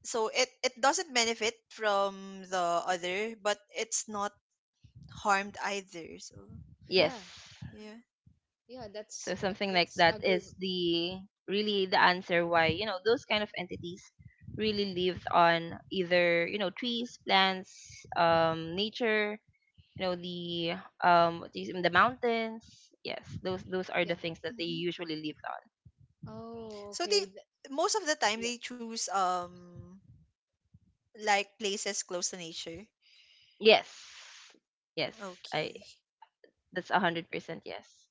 [SPEAKER 2] So it it doesn't benefit from the other, but it's not harmed either. So,
[SPEAKER 1] yeah,
[SPEAKER 3] Yes.
[SPEAKER 2] yeah.
[SPEAKER 1] yeah.
[SPEAKER 3] So
[SPEAKER 1] That's that,
[SPEAKER 3] something like
[SPEAKER 1] that's a
[SPEAKER 3] that
[SPEAKER 1] good.
[SPEAKER 3] is the— really the answer why, you know, those kind of entities really lived on either, you know, trees, plants, um, nature, you know, the um what do you— the mountains. Yes, those those are the
[SPEAKER 1] Yeah.
[SPEAKER 3] things that they
[SPEAKER 2] Hmm.
[SPEAKER 3] usually live on.
[SPEAKER 1] Oh,
[SPEAKER 2] So they
[SPEAKER 1] okay. Th-
[SPEAKER 2] most of the time
[SPEAKER 1] yeah.
[SPEAKER 2] they choose um like places close to nature.
[SPEAKER 3] Yes. Yes. I—
[SPEAKER 2] Okay.
[SPEAKER 3] that's a hundred percent yes.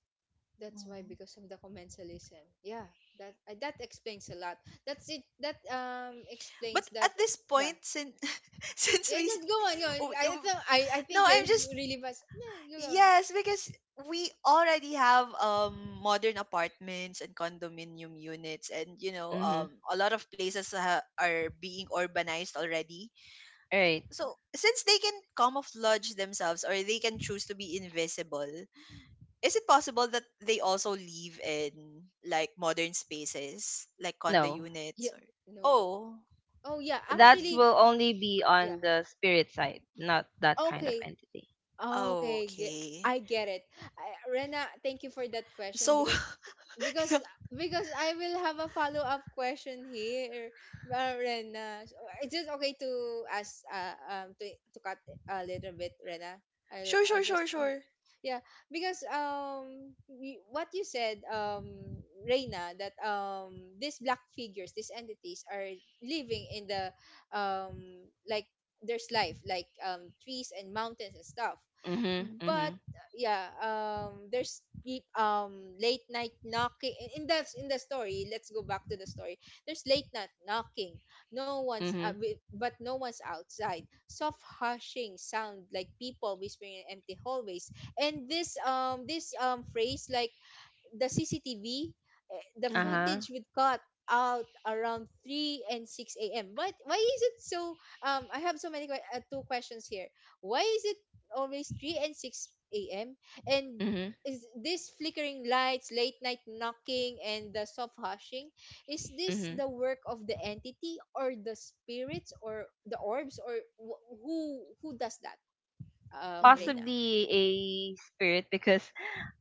[SPEAKER 1] That's why,
[SPEAKER 2] Hmm.
[SPEAKER 1] because of the commensalism. Yeah. That uh, that explains a lot. That's it. That um
[SPEAKER 2] But
[SPEAKER 1] explains
[SPEAKER 2] at
[SPEAKER 1] that.
[SPEAKER 2] this point,
[SPEAKER 1] Yeah.
[SPEAKER 2] since <laughs> since
[SPEAKER 1] Yeah.
[SPEAKER 2] we s-
[SPEAKER 1] Just go
[SPEAKER 2] uh,
[SPEAKER 1] on. Go on.
[SPEAKER 2] w-
[SPEAKER 1] I
[SPEAKER 2] w-
[SPEAKER 1] th- I I
[SPEAKER 2] no,
[SPEAKER 1] think you're
[SPEAKER 2] I'm
[SPEAKER 1] s-
[SPEAKER 2] just
[SPEAKER 1] really fast. No, you go on.
[SPEAKER 2] Yes, because we already have um modern apartments and condominium units, and you know,
[SPEAKER 3] Mm-hmm.
[SPEAKER 2] um a lot of places ha- are being urbanized already.
[SPEAKER 3] Right.
[SPEAKER 2] So since they can camouflage themselves, or they can choose to be invisible, is it possible that they also live in like modern spaces like condo
[SPEAKER 3] No.
[SPEAKER 2] units,
[SPEAKER 1] Yeah.
[SPEAKER 2] or
[SPEAKER 1] No.
[SPEAKER 2] Oh,
[SPEAKER 1] Oh yeah.
[SPEAKER 3] That
[SPEAKER 1] Actually.
[SPEAKER 2] okay.
[SPEAKER 3] will only be
[SPEAKER 1] Yeah.
[SPEAKER 3] on the spirit side, not that kind of
[SPEAKER 1] Okay.
[SPEAKER 3] entity.
[SPEAKER 2] Oh,
[SPEAKER 1] Okay, ge-
[SPEAKER 2] okay.
[SPEAKER 1] I get it. I, Rena, thank you for that question,
[SPEAKER 2] So <laughs>
[SPEAKER 1] because because
[SPEAKER 2] sure
[SPEAKER 1] because I will have a follow up question here, uh, Rena. So, uh, is it okay to ask, uh, um to, to cut a little bit, Rena? I'll
[SPEAKER 2] sure
[SPEAKER 1] I'll just
[SPEAKER 2] sure
[SPEAKER 1] yeah.
[SPEAKER 2] sure.
[SPEAKER 1] Yeah, because um y- what you said, um Reina, that um these black figures, these entities are living in the um like there's life, like um trees and mountains and stuff,
[SPEAKER 3] Mm-hmm. Mm-hmm.
[SPEAKER 1] but uh, yeah, um there's peop- um late night knocking in in the in the story. Let's go back to the story. There's late night knocking, no one's uh,
[SPEAKER 3] Mm-hmm.
[SPEAKER 1] wi- but no one's outside, soft hushing sound like people whispering in empty hallways, and this um this um phrase like the C C T V, eh, the
[SPEAKER 3] Uh-huh.
[SPEAKER 1] footage would cut out around three and six a m. But why is it so? Um, I have so many que- uh, two questions here. Why is it always three and six a m? And
[SPEAKER 3] Mm-hmm.
[SPEAKER 1] is this flickering lights, late night knocking, and the soft hushing, is this
[SPEAKER 3] Mhm.
[SPEAKER 1] the work of the entity or the spirits or the orbs or wh- who who does that? Um,
[SPEAKER 2] Mhm.
[SPEAKER 1] Reina,
[SPEAKER 3] Possibly a spirit, because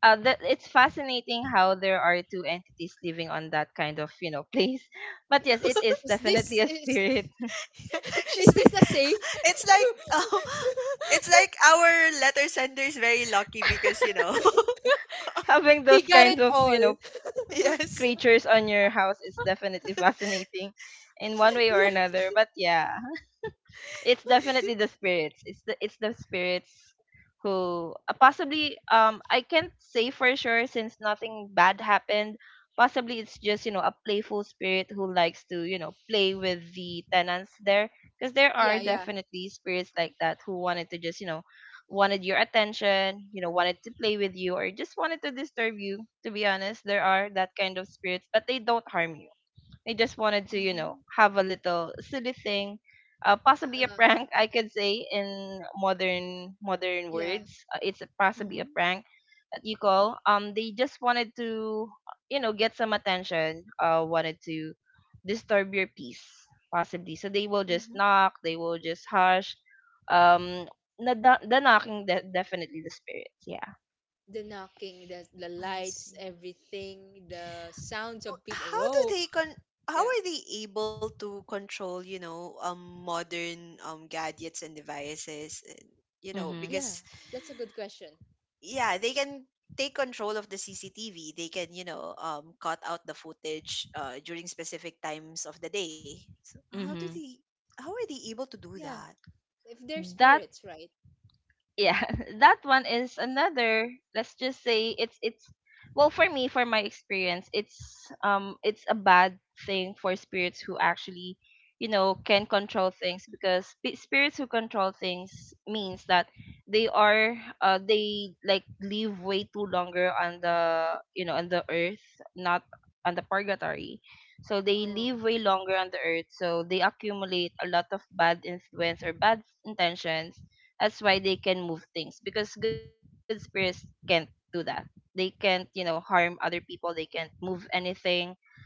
[SPEAKER 3] uh, that— it's fascinating how there are two entities living on that kind of, you know, <laughs> place. But yes,
[SPEAKER 1] is
[SPEAKER 3] it is
[SPEAKER 1] is this
[SPEAKER 3] definitely a
[SPEAKER 1] is,
[SPEAKER 3] spirit. <laughs>
[SPEAKER 2] <laughs>
[SPEAKER 1] <laughs>
[SPEAKER 2] She's
[SPEAKER 1] is
[SPEAKER 2] very,
[SPEAKER 1] this a safe…
[SPEAKER 2] <laughs> it's
[SPEAKER 1] <laughs>
[SPEAKER 2] like oh, <laughs> it's like our letter sender is very lucky because you know. <laughs>
[SPEAKER 3] Having
[SPEAKER 1] He
[SPEAKER 3] those
[SPEAKER 1] got it
[SPEAKER 3] kind of,
[SPEAKER 1] all.
[SPEAKER 3] you know,
[SPEAKER 1] <laughs>
[SPEAKER 2] Yes.
[SPEAKER 3] creatures on your house is definitely fascinating in one way or
[SPEAKER 1] Yeah.
[SPEAKER 3] another, but yeah. It's definitely the spirits. It's the it's the spirits who, uh, possibly, um I can't say for sure since nothing bad happened. Possibly it's just, you know, a playful spirit who likes to, you know, play with the tenants there, because there are
[SPEAKER 1] Yeah,
[SPEAKER 2] Mhm.
[SPEAKER 1] yeah.
[SPEAKER 3] definitely spirits like that who wanted to just, you know, wanted your attention, you know, wanted to play with you, or just wanted to disturb you. To be honest, there are that kind of spirits, but they don't harm you. They just wanted to, you know,
[SPEAKER 2] Mhm.
[SPEAKER 3] have a little silly thing, uh, possibly a
[SPEAKER 1] Uh,
[SPEAKER 3] prank, I could say, in modern modern
[SPEAKER 1] yeah.
[SPEAKER 3] words. Uh, it's a, possibly a
[SPEAKER 2] Mhm.
[SPEAKER 3] prank that you call. Um, they just wanted to, you know, get some attention. Uh, wanted to disturb your peace, possibly. So they will
[SPEAKER 2] Mhm.
[SPEAKER 3] just knock. They will just hush. Um, na the the knocking, de- definitely the spirits. Yeah.
[SPEAKER 1] The knocking, the the
[SPEAKER 2] I
[SPEAKER 1] lights,
[SPEAKER 2] see.
[SPEAKER 1] everything, the sounds
[SPEAKER 2] W-
[SPEAKER 1] of people.
[SPEAKER 2] How do
[SPEAKER 1] Whoa.
[SPEAKER 2] they con how
[SPEAKER 1] Yeah.
[SPEAKER 2] are they able to control, you know, um modern um gadgets and devices, and you know,
[SPEAKER 3] Mm-hmm.
[SPEAKER 1] Yeah.
[SPEAKER 2] because
[SPEAKER 1] That's a good question.
[SPEAKER 2] yeah, they can take control of the C C T V. They can, you know, um, cut out the footage uh, during specific times of the day. So how do
[SPEAKER 3] Mm-hmm.
[SPEAKER 2] they? How are they able to do
[SPEAKER 1] Yeah.
[SPEAKER 2] that?
[SPEAKER 1] If they're
[SPEAKER 3] That
[SPEAKER 1] spirits, right?
[SPEAKER 3] Yeah, <laughs> that one is another, let's just say it's it's, well, for me, for my experience, it's um it's a bad thing for spirits who actually you know can control things, because spi- spirits who control things means that they are uh they like live way too longer on the, you know on the earth, not on the purgatory. So they
[SPEAKER 1] Oh.
[SPEAKER 3] live way longer on the earth, so they accumulate a lot of bad influence or bad intentions. That's why they can move things, because good spirits can't do that. They can't, you know, harm other people. They can't move anything,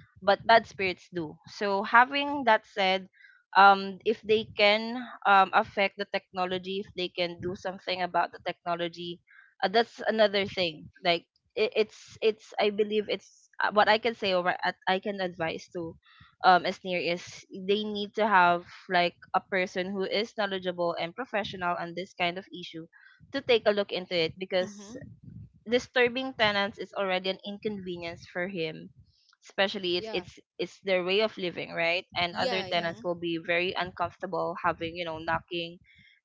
[SPEAKER 3] but bad spirits do. So, having that said, um, if they can um, affect the technology, if they can do something about the technology, uh, that's another thing. Like, it, it's it's I believe it's, uh, what I can say, or what I I can advise to, um near, is they need to have like a person who is knowledgeable and professional on this kind of issue to take a look into it, because
[SPEAKER 2] Mm-hmm.
[SPEAKER 3] disturbing tenants is already an inconvenience for him, especially it's
[SPEAKER 1] Yeah.
[SPEAKER 3] it's it's their way of living, right? And other
[SPEAKER 1] Yeah, yeah.
[SPEAKER 3] tenants
[SPEAKER 2] Mm-hmm.
[SPEAKER 3] will be very uncomfortable having, you know knocking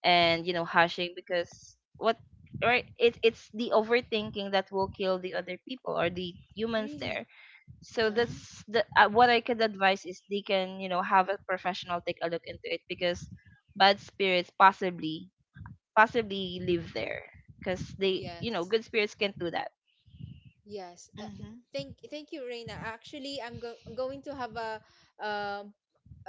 [SPEAKER 3] and, you know hashing, because what, right? It, it's the overthinking that will kill the other people or the humans
[SPEAKER 1] Really.
[SPEAKER 3] there. So
[SPEAKER 1] Yeah.
[SPEAKER 2] Mm-hmm.
[SPEAKER 3] that's the, uh, what I could advise is they can, you know have a professional take a look into it, because bad spirits possibly, possibly live there, because they you know,
[SPEAKER 1] Yes.
[SPEAKER 3] good spirits can do that.
[SPEAKER 1] Yes. Uh,
[SPEAKER 2] Mm-hmm.
[SPEAKER 1] thank thank you, Reina. Actually, I'm go- going to have a um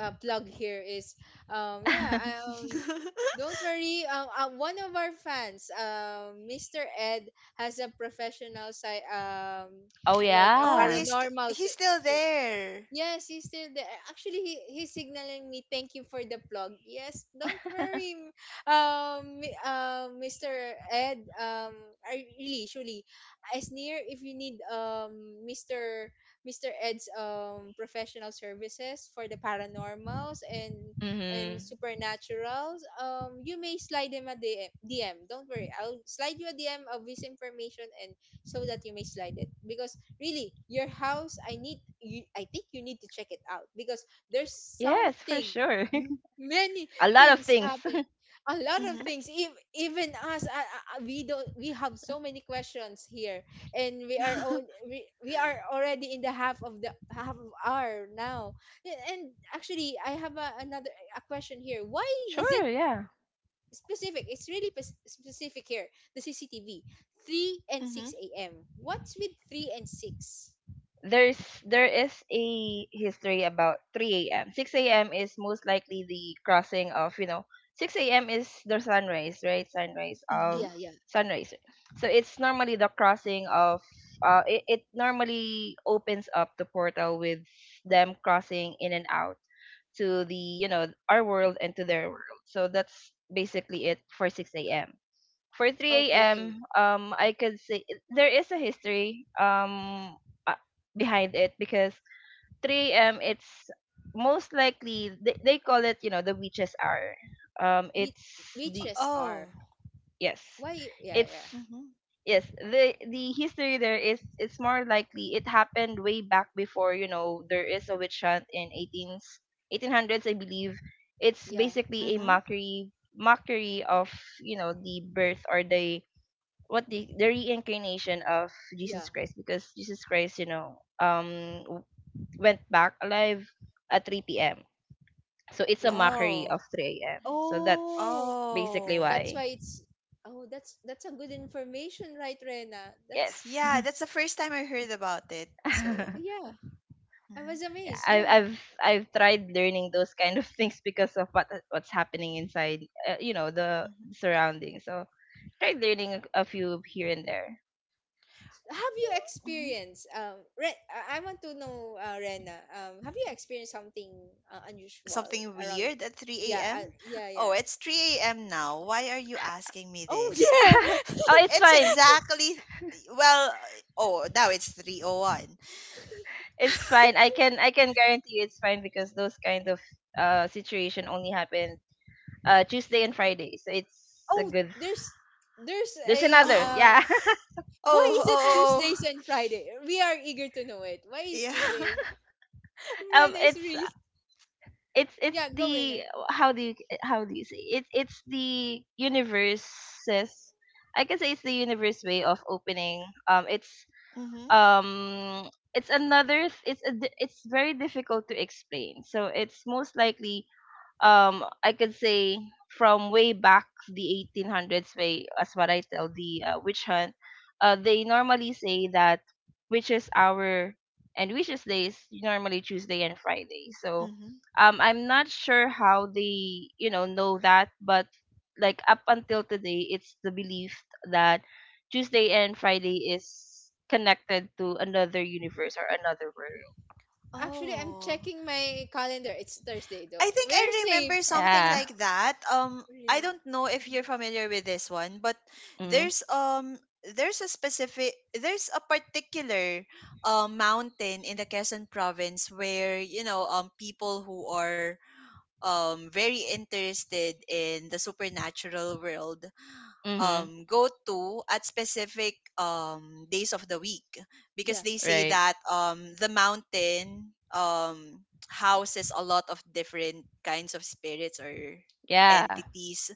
[SPEAKER 1] a plug here is um yeah,
[SPEAKER 3] <laughs>
[SPEAKER 1] um,
[SPEAKER 2] <laughs>
[SPEAKER 1] don't worry. Um, uh, one of our fans, um, mister Ed, has a professional, sci- um,
[SPEAKER 3] Oh,
[SPEAKER 1] like a
[SPEAKER 2] Oh,
[SPEAKER 3] yeah.
[SPEAKER 2] he's st-
[SPEAKER 1] paranormal.
[SPEAKER 2] he's still
[SPEAKER 1] So,
[SPEAKER 2] there.
[SPEAKER 1] yes, he's still there. Actually, he, he's signaling me, thank you for the plug. Yes, don't
[SPEAKER 3] <laughs>
[SPEAKER 1] worry, m- um, mi- uh, mister Ed. Um, I really, surely, as near, if you need um, mister mister Ed's um professional services for the paranormals and and
[SPEAKER 3] Mm-hmm.
[SPEAKER 1] supernaturals, um, you may slide him a D M. D M. Don't worry, I'll slide you a D M of his information, and so that you may slide it, because really your house, i need you, I think you need to check it out because there's
[SPEAKER 3] Yes, for
[SPEAKER 1] something,
[SPEAKER 3] sure.
[SPEAKER 1] m- many
[SPEAKER 3] <laughs> A lot of
[SPEAKER 1] things
[SPEAKER 3] things.
[SPEAKER 1] happen, a lot of
[SPEAKER 2] Mm-hmm.
[SPEAKER 1] things, ev- even us, uh, uh, uh, we don't, we have so many questions here, and we are on,
[SPEAKER 2] <laughs>
[SPEAKER 1] we, we are already in the half of the half of hour now. Yeah, and actually I have a, another a question here. Why
[SPEAKER 3] <laughs>
[SPEAKER 1] is it
[SPEAKER 3] Sure, yeah.
[SPEAKER 1] specific? It's really pes- specific here, the cctv, 3 and
[SPEAKER 2] Mm-hmm.
[SPEAKER 1] 6 a.m. What's with three and six?
[SPEAKER 3] There's there is a history about three a m six a m is most likely the crossing of, you know, six a m is the sunrise, right? Sunrise
[SPEAKER 2] Mm-hmm.
[SPEAKER 3] of
[SPEAKER 1] Yeah, yeah.
[SPEAKER 3] sunrise. So it's normally the crossing of, uh it, it normally opens up the portal with them crossing in and out to the, you know our world and to their world. So that's basically it for six a m. For 3
[SPEAKER 1] Okay.
[SPEAKER 3] a.m um I could say there is a history, um uh, behind it, because three a m., it's most likely they, they call it, you know the witches hour. Um
[SPEAKER 1] Whi-
[SPEAKER 3] it's the,
[SPEAKER 1] Witches
[SPEAKER 2] Oh.
[SPEAKER 1] are.
[SPEAKER 3] yes,
[SPEAKER 1] Why? Yeah,
[SPEAKER 3] it's
[SPEAKER 1] yeah,
[SPEAKER 2] Mm-hmm.
[SPEAKER 3] yes, the the history there is, it's more likely it happened way back before. You know there is a witch hunt in eighteen s eighteen hundreds, I believe. It's
[SPEAKER 1] yeah,
[SPEAKER 3] basically a
[SPEAKER 2] Mm-hmm.
[SPEAKER 3] mockery mockery of, you know the birth, or the what the the reincarnation of
[SPEAKER 1] yeah,
[SPEAKER 3] Jesus Christ, because Jesus Christ, you know um w- went back alive at three p m. So it's a
[SPEAKER 1] yeah.
[SPEAKER 3] mockery
[SPEAKER 2] Oh.
[SPEAKER 3] of three a m. So
[SPEAKER 1] Oh,
[SPEAKER 3] that's basically
[SPEAKER 2] Oh.
[SPEAKER 1] that's
[SPEAKER 3] why.
[SPEAKER 1] why it's. Oh, that's that's a good information, right, Rena? That's
[SPEAKER 2] Yeah,
[SPEAKER 3] Yes.
[SPEAKER 2] that's the first time I heard about it. So.
[SPEAKER 3] <laughs>
[SPEAKER 1] yeah. I was
[SPEAKER 2] Mm-hmm.
[SPEAKER 1] amazed.
[SPEAKER 3] I,
[SPEAKER 1] Yeah.
[SPEAKER 3] I've I've tried learning those kind of things because of what what's happening inside, uh, you know, the surroundings. So tried learning a, a few here and there.
[SPEAKER 1] Have you
[SPEAKER 2] Mm-hmm.
[SPEAKER 1] experienced um? Re- I I want to know, uh, Rena. Um, have you experienced something uh, unusual
[SPEAKER 2] Something
[SPEAKER 1] around?
[SPEAKER 2] weird at 3
[SPEAKER 1] Yeah, uh,
[SPEAKER 2] a.m.?
[SPEAKER 1] yeah, yeah.
[SPEAKER 2] Oh, it's three a m now. Why are you asking me
[SPEAKER 1] Oh
[SPEAKER 2] this?
[SPEAKER 3] <laughs> Oh,
[SPEAKER 1] <laughs> yeah.
[SPEAKER 3] it's
[SPEAKER 2] It's
[SPEAKER 3] fine.
[SPEAKER 2] exactly well, oh, now it's three oh one. Oh, one.
[SPEAKER 3] It's fine. I can I can guarantee you it's fine, because those kind of uh situation only happen uh Tuesday and Friday. So
[SPEAKER 1] <laughs>
[SPEAKER 3] it's a
[SPEAKER 1] Oh,
[SPEAKER 3] good.
[SPEAKER 1] there's there's
[SPEAKER 3] There's
[SPEAKER 1] a
[SPEAKER 3] another.
[SPEAKER 2] Oh,
[SPEAKER 3] Yeah.
[SPEAKER 1] um… Why
[SPEAKER 2] oh,
[SPEAKER 1] is
[SPEAKER 2] oh.
[SPEAKER 1] it
[SPEAKER 2] Oh.
[SPEAKER 1] Tuesdays
[SPEAKER 2] Oh.
[SPEAKER 1] and Friday? We are eager to know it. Why is
[SPEAKER 2] Yeah. <laughs>
[SPEAKER 1] Tuesdays? <laughs>
[SPEAKER 3] <laughs> um,
[SPEAKER 1] Rena is
[SPEAKER 3] it's
[SPEAKER 1] really
[SPEAKER 3] it's it's
[SPEAKER 1] yeah. Go
[SPEAKER 3] the,
[SPEAKER 1] Rena.
[SPEAKER 3] how do you how do you say, it's it's the universe's, I can say it's the universe way of opening. Um it's,
[SPEAKER 2] Mhm.
[SPEAKER 3] um it's another, th- it's a, di- it's very difficult to explain. So it's most likely, um I could say, from way back the eighteen hundreds, way as what I tell, the uh, witch hunt, uh they normally say that witches hour and witches days normally Tuesday and Friday. So,
[SPEAKER 2] Mhm.
[SPEAKER 3] um I'm not sure how they, you know know that, but like up until today it's the belief that Tuesday and Friday is connected to another universe or another world.
[SPEAKER 1] Actually, I'm
[SPEAKER 2] Oh.
[SPEAKER 1] checking my calendar. It's Thursday though.
[SPEAKER 2] I think
[SPEAKER 1] We're
[SPEAKER 2] I
[SPEAKER 1] safe.
[SPEAKER 2] remember something
[SPEAKER 3] Yeah.
[SPEAKER 2] like that. Um, I
[SPEAKER 1] Really?
[SPEAKER 2] don't know if you're familiar with this one, but
[SPEAKER 3] Mm-hmm.
[SPEAKER 2] there's um there's a specific there's a particular uh, mountain in the Quezon province, where you know, um people who are um very interested in the supernatural world,
[SPEAKER 3] Mm-hmm.
[SPEAKER 2] um, go to at specific um, days of the week, because
[SPEAKER 1] Yeah.
[SPEAKER 2] they say
[SPEAKER 3] Right.
[SPEAKER 2] that um, the mountain um, houses a lot of different kinds of spirits or
[SPEAKER 3] Yeah.
[SPEAKER 2] entities.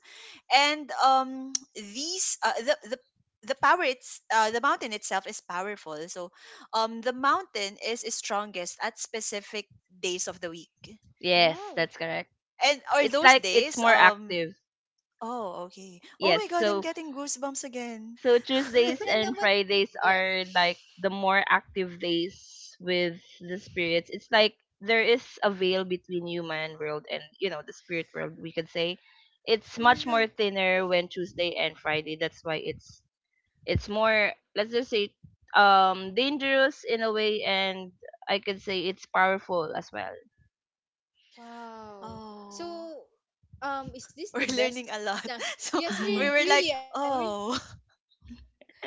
[SPEAKER 2] And um, <tsk> these uh, the, the the power, it's uh, the mountain itself is powerful. So um the mountain is strongest at specific days of the week,
[SPEAKER 1] Wow.
[SPEAKER 3] Yes,
[SPEAKER 1] What's
[SPEAKER 3] that's correct.
[SPEAKER 2] and are
[SPEAKER 3] It's
[SPEAKER 2] those
[SPEAKER 3] like it's
[SPEAKER 2] days
[SPEAKER 3] more
[SPEAKER 2] um
[SPEAKER 3] active.
[SPEAKER 2] Oh okay, oh
[SPEAKER 3] Yes.
[SPEAKER 2] my god, I'm
[SPEAKER 3] So,
[SPEAKER 2] getting goosebumps again.
[SPEAKER 3] so
[SPEAKER 1] Re-
[SPEAKER 3] Tuesdays
[SPEAKER 1] Rena?
[SPEAKER 3] and
[SPEAKER 1] What?
[SPEAKER 3] Fridays
[SPEAKER 1] Yeah.
[SPEAKER 3] are like the more active days with the spirits. It's like there is a veil between human world and, you know the spirit world, we could say.
[SPEAKER 2] Oh
[SPEAKER 3] It's
[SPEAKER 2] my
[SPEAKER 3] much
[SPEAKER 2] god.
[SPEAKER 3] more thinner when Tuesday and Friday. That's why it's it's more, let's just say, um dangerous in a way, and I could say it's powerful as well.
[SPEAKER 1] Wow. So,
[SPEAKER 2] Oh,
[SPEAKER 1] um, is this
[SPEAKER 2] <laughs>
[SPEAKER 1] the
[SPEAKER 2] we're
[SPEAKER 1] best?
[SPEAKER 2] learning a lot.
[SPEAKER 1] ta-
[SPEAKER 2] <laughs> So
[SPEAKER 1] Yes, we
[SPEAKER 2] we were
[SPEAKER 3] <laughs>
[SPEAKER 1] really.
[SPEAKER 2] like,
[SPEAKER 1] I mean,
[SPEAKER 2] oh,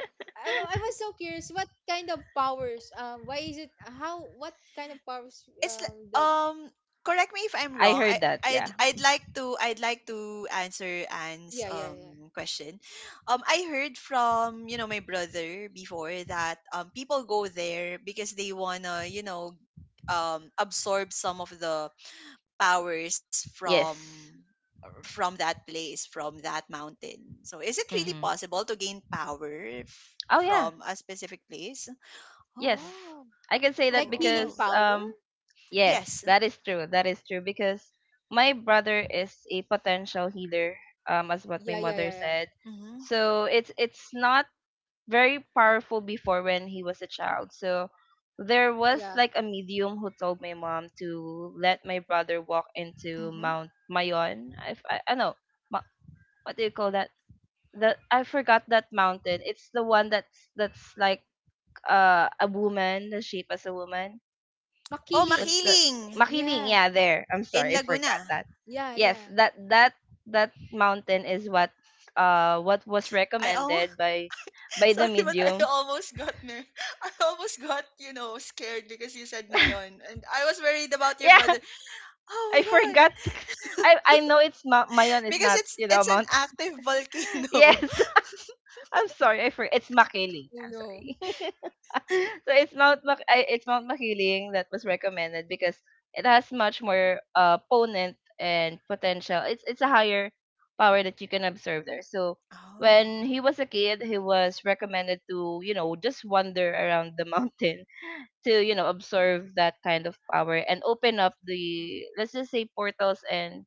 [SPEAKER 1] I, wa- I was so curious. What kind of powers? Um, why is it? How? What kind of powers?
[SPEAKER 2] <laughs> it's li-
[SPEAKER 1] Um, that.
[SPEAKER 2] um. Correct me if I'm
[SPEAKER 3] I
[SPEAKER 2] wrong. I
[SPEAKER 3] heard that,
[SPEAKER 2] I'd,
[SPEAKER 3] yeah.
[SPEAKER 2] I'd like to I'd like to answer Anne's
[SPEAKER 1] Yeah, yeah, yeah.
[SPEAKER 2] um question. Um, I heard from, you know, my brother before that um people go there because they wanna, you know, um absorb some of the powers from
[SPEAKER 3] Yes.
[SPEAKER 2] from that place, from that mountain. So is it really
[SPEAKER 3] Mhm.
[SPEAKER 2] possible to gain power f-
[SPEAKER 3] Oh, yeah.
[SPEAKER 2] from a specific place?
[SPEAKER 3] Yes,
[SPEAKER 2] Oh,
[SPEAKER 1] Wow.
[SPEAKER 3] I can say
[SPEAKER 2] oh,
[SPEAKER 1] Like
[SPEAKER 3] that
[SPEAKER 2] oh,
[SPEAKER 1] healing
[SPEAKER 2] oh.
[SPEAKER 3] because,
[SPEAKER 1] power?
[SPEAKER 3] um yes,
[SPEAKER 2] Yes.
[SPEAKER 3] that is true. That is true because my brother is a potential healer, um, as what my
[SPEAKER 1] Yeah, yeah, yeah,
[SPEAKER 3] mother
[SPEAKER 1] yeah.
[SPEAKER 3] said.
[SPEAKER 2] Mm-hmm.
[SPEAKER 3] So it's it's not very powerful before when he was a child. So there was
[SPEAKER 1] Yeah.
[SPEAKER 3] like a medium who told my mom to let my brother walk into
[SPEAKER 2] Mm-hmm.
[SPEAKER 3] Mount Mayon. If I I know, ma, what do you call that? That, I forgot that mountain. It's the one that's that's like, uh, a woman, the shape as a woman.
[SPEAKER 2] Oh,
[SPEAKER 1] Makiling.
[SPEAKER 3] What's that?
[SPEAKER 2] Makiling
[SPEAKER 3] Makiling.
[SPEAKER 1] Yeah.
[SPEAKER 3] Yeah, there. I'm
[SPEAKER 2] in
[SPEAKER 3] sorry, I forgot
[SPEAKER 2] Laguna.
[SPEAKER 3] that.
[SPEAKER 1] Yeah,
[SPEAKER 3] Yes,
[SPEAKER 1] yeah.
[SPEAKER 3] that that that mountain is what, uh what was
[SPEAKER 2] I almost
[SPEAKER 3] recommended by,
[SPEAKER 2] <laughs>
[SPEAKER 3] by the
[SPEAKER 2] sorry, but I
[SPEAKER 3] medium. <laughs>
[SPEAKER 2] almost got ner- I almost got, you know, scared because you said Mayon, and I was worried about your
[SPEAKER 3] Yeah,
[SPEAKER 2] brother. Oh
[SPEAKER 3] I
[SPEAKER 2] my god,
[SPEAKER 3] forgot. <laughs> I I know it's, Ma- Mayon is
[SPEAKER 2] because
[SPEAKER 3] not,
[SPEAKER 2] it's
[SPEAKER 3] you
[SPEAKER 2] it's
[SPEAKER 3] know
[SPEAKER 2] an
[SPEAKER 3] mountain.
[SPEAKER 2] active
[SPEAKER 3] <laughs> Yes,
[SPEAKER 2] volcano. <laughs>
[SPEAKER 3] <laughs> I'm sorry. I forgot. It's Makiling.
[SPEAKER 1] Oh
[SPEAKER 3] I'm
[SPEAKER 1] no.
[SPEAKER 3] sorry. <laughs> So it's Mount Mac- I- it's Mount Makiling that was recommended because it has much more, uh, ponent and potential. It's it's a higher power that you can observe there. So when
[SPEAKER 2] Oh.
[SPEAKER 3] he was a kid, he was recommended to, you know just wander around the <laughs> mountain to, you know observe that kind of power and open up the, let's just say, portals, and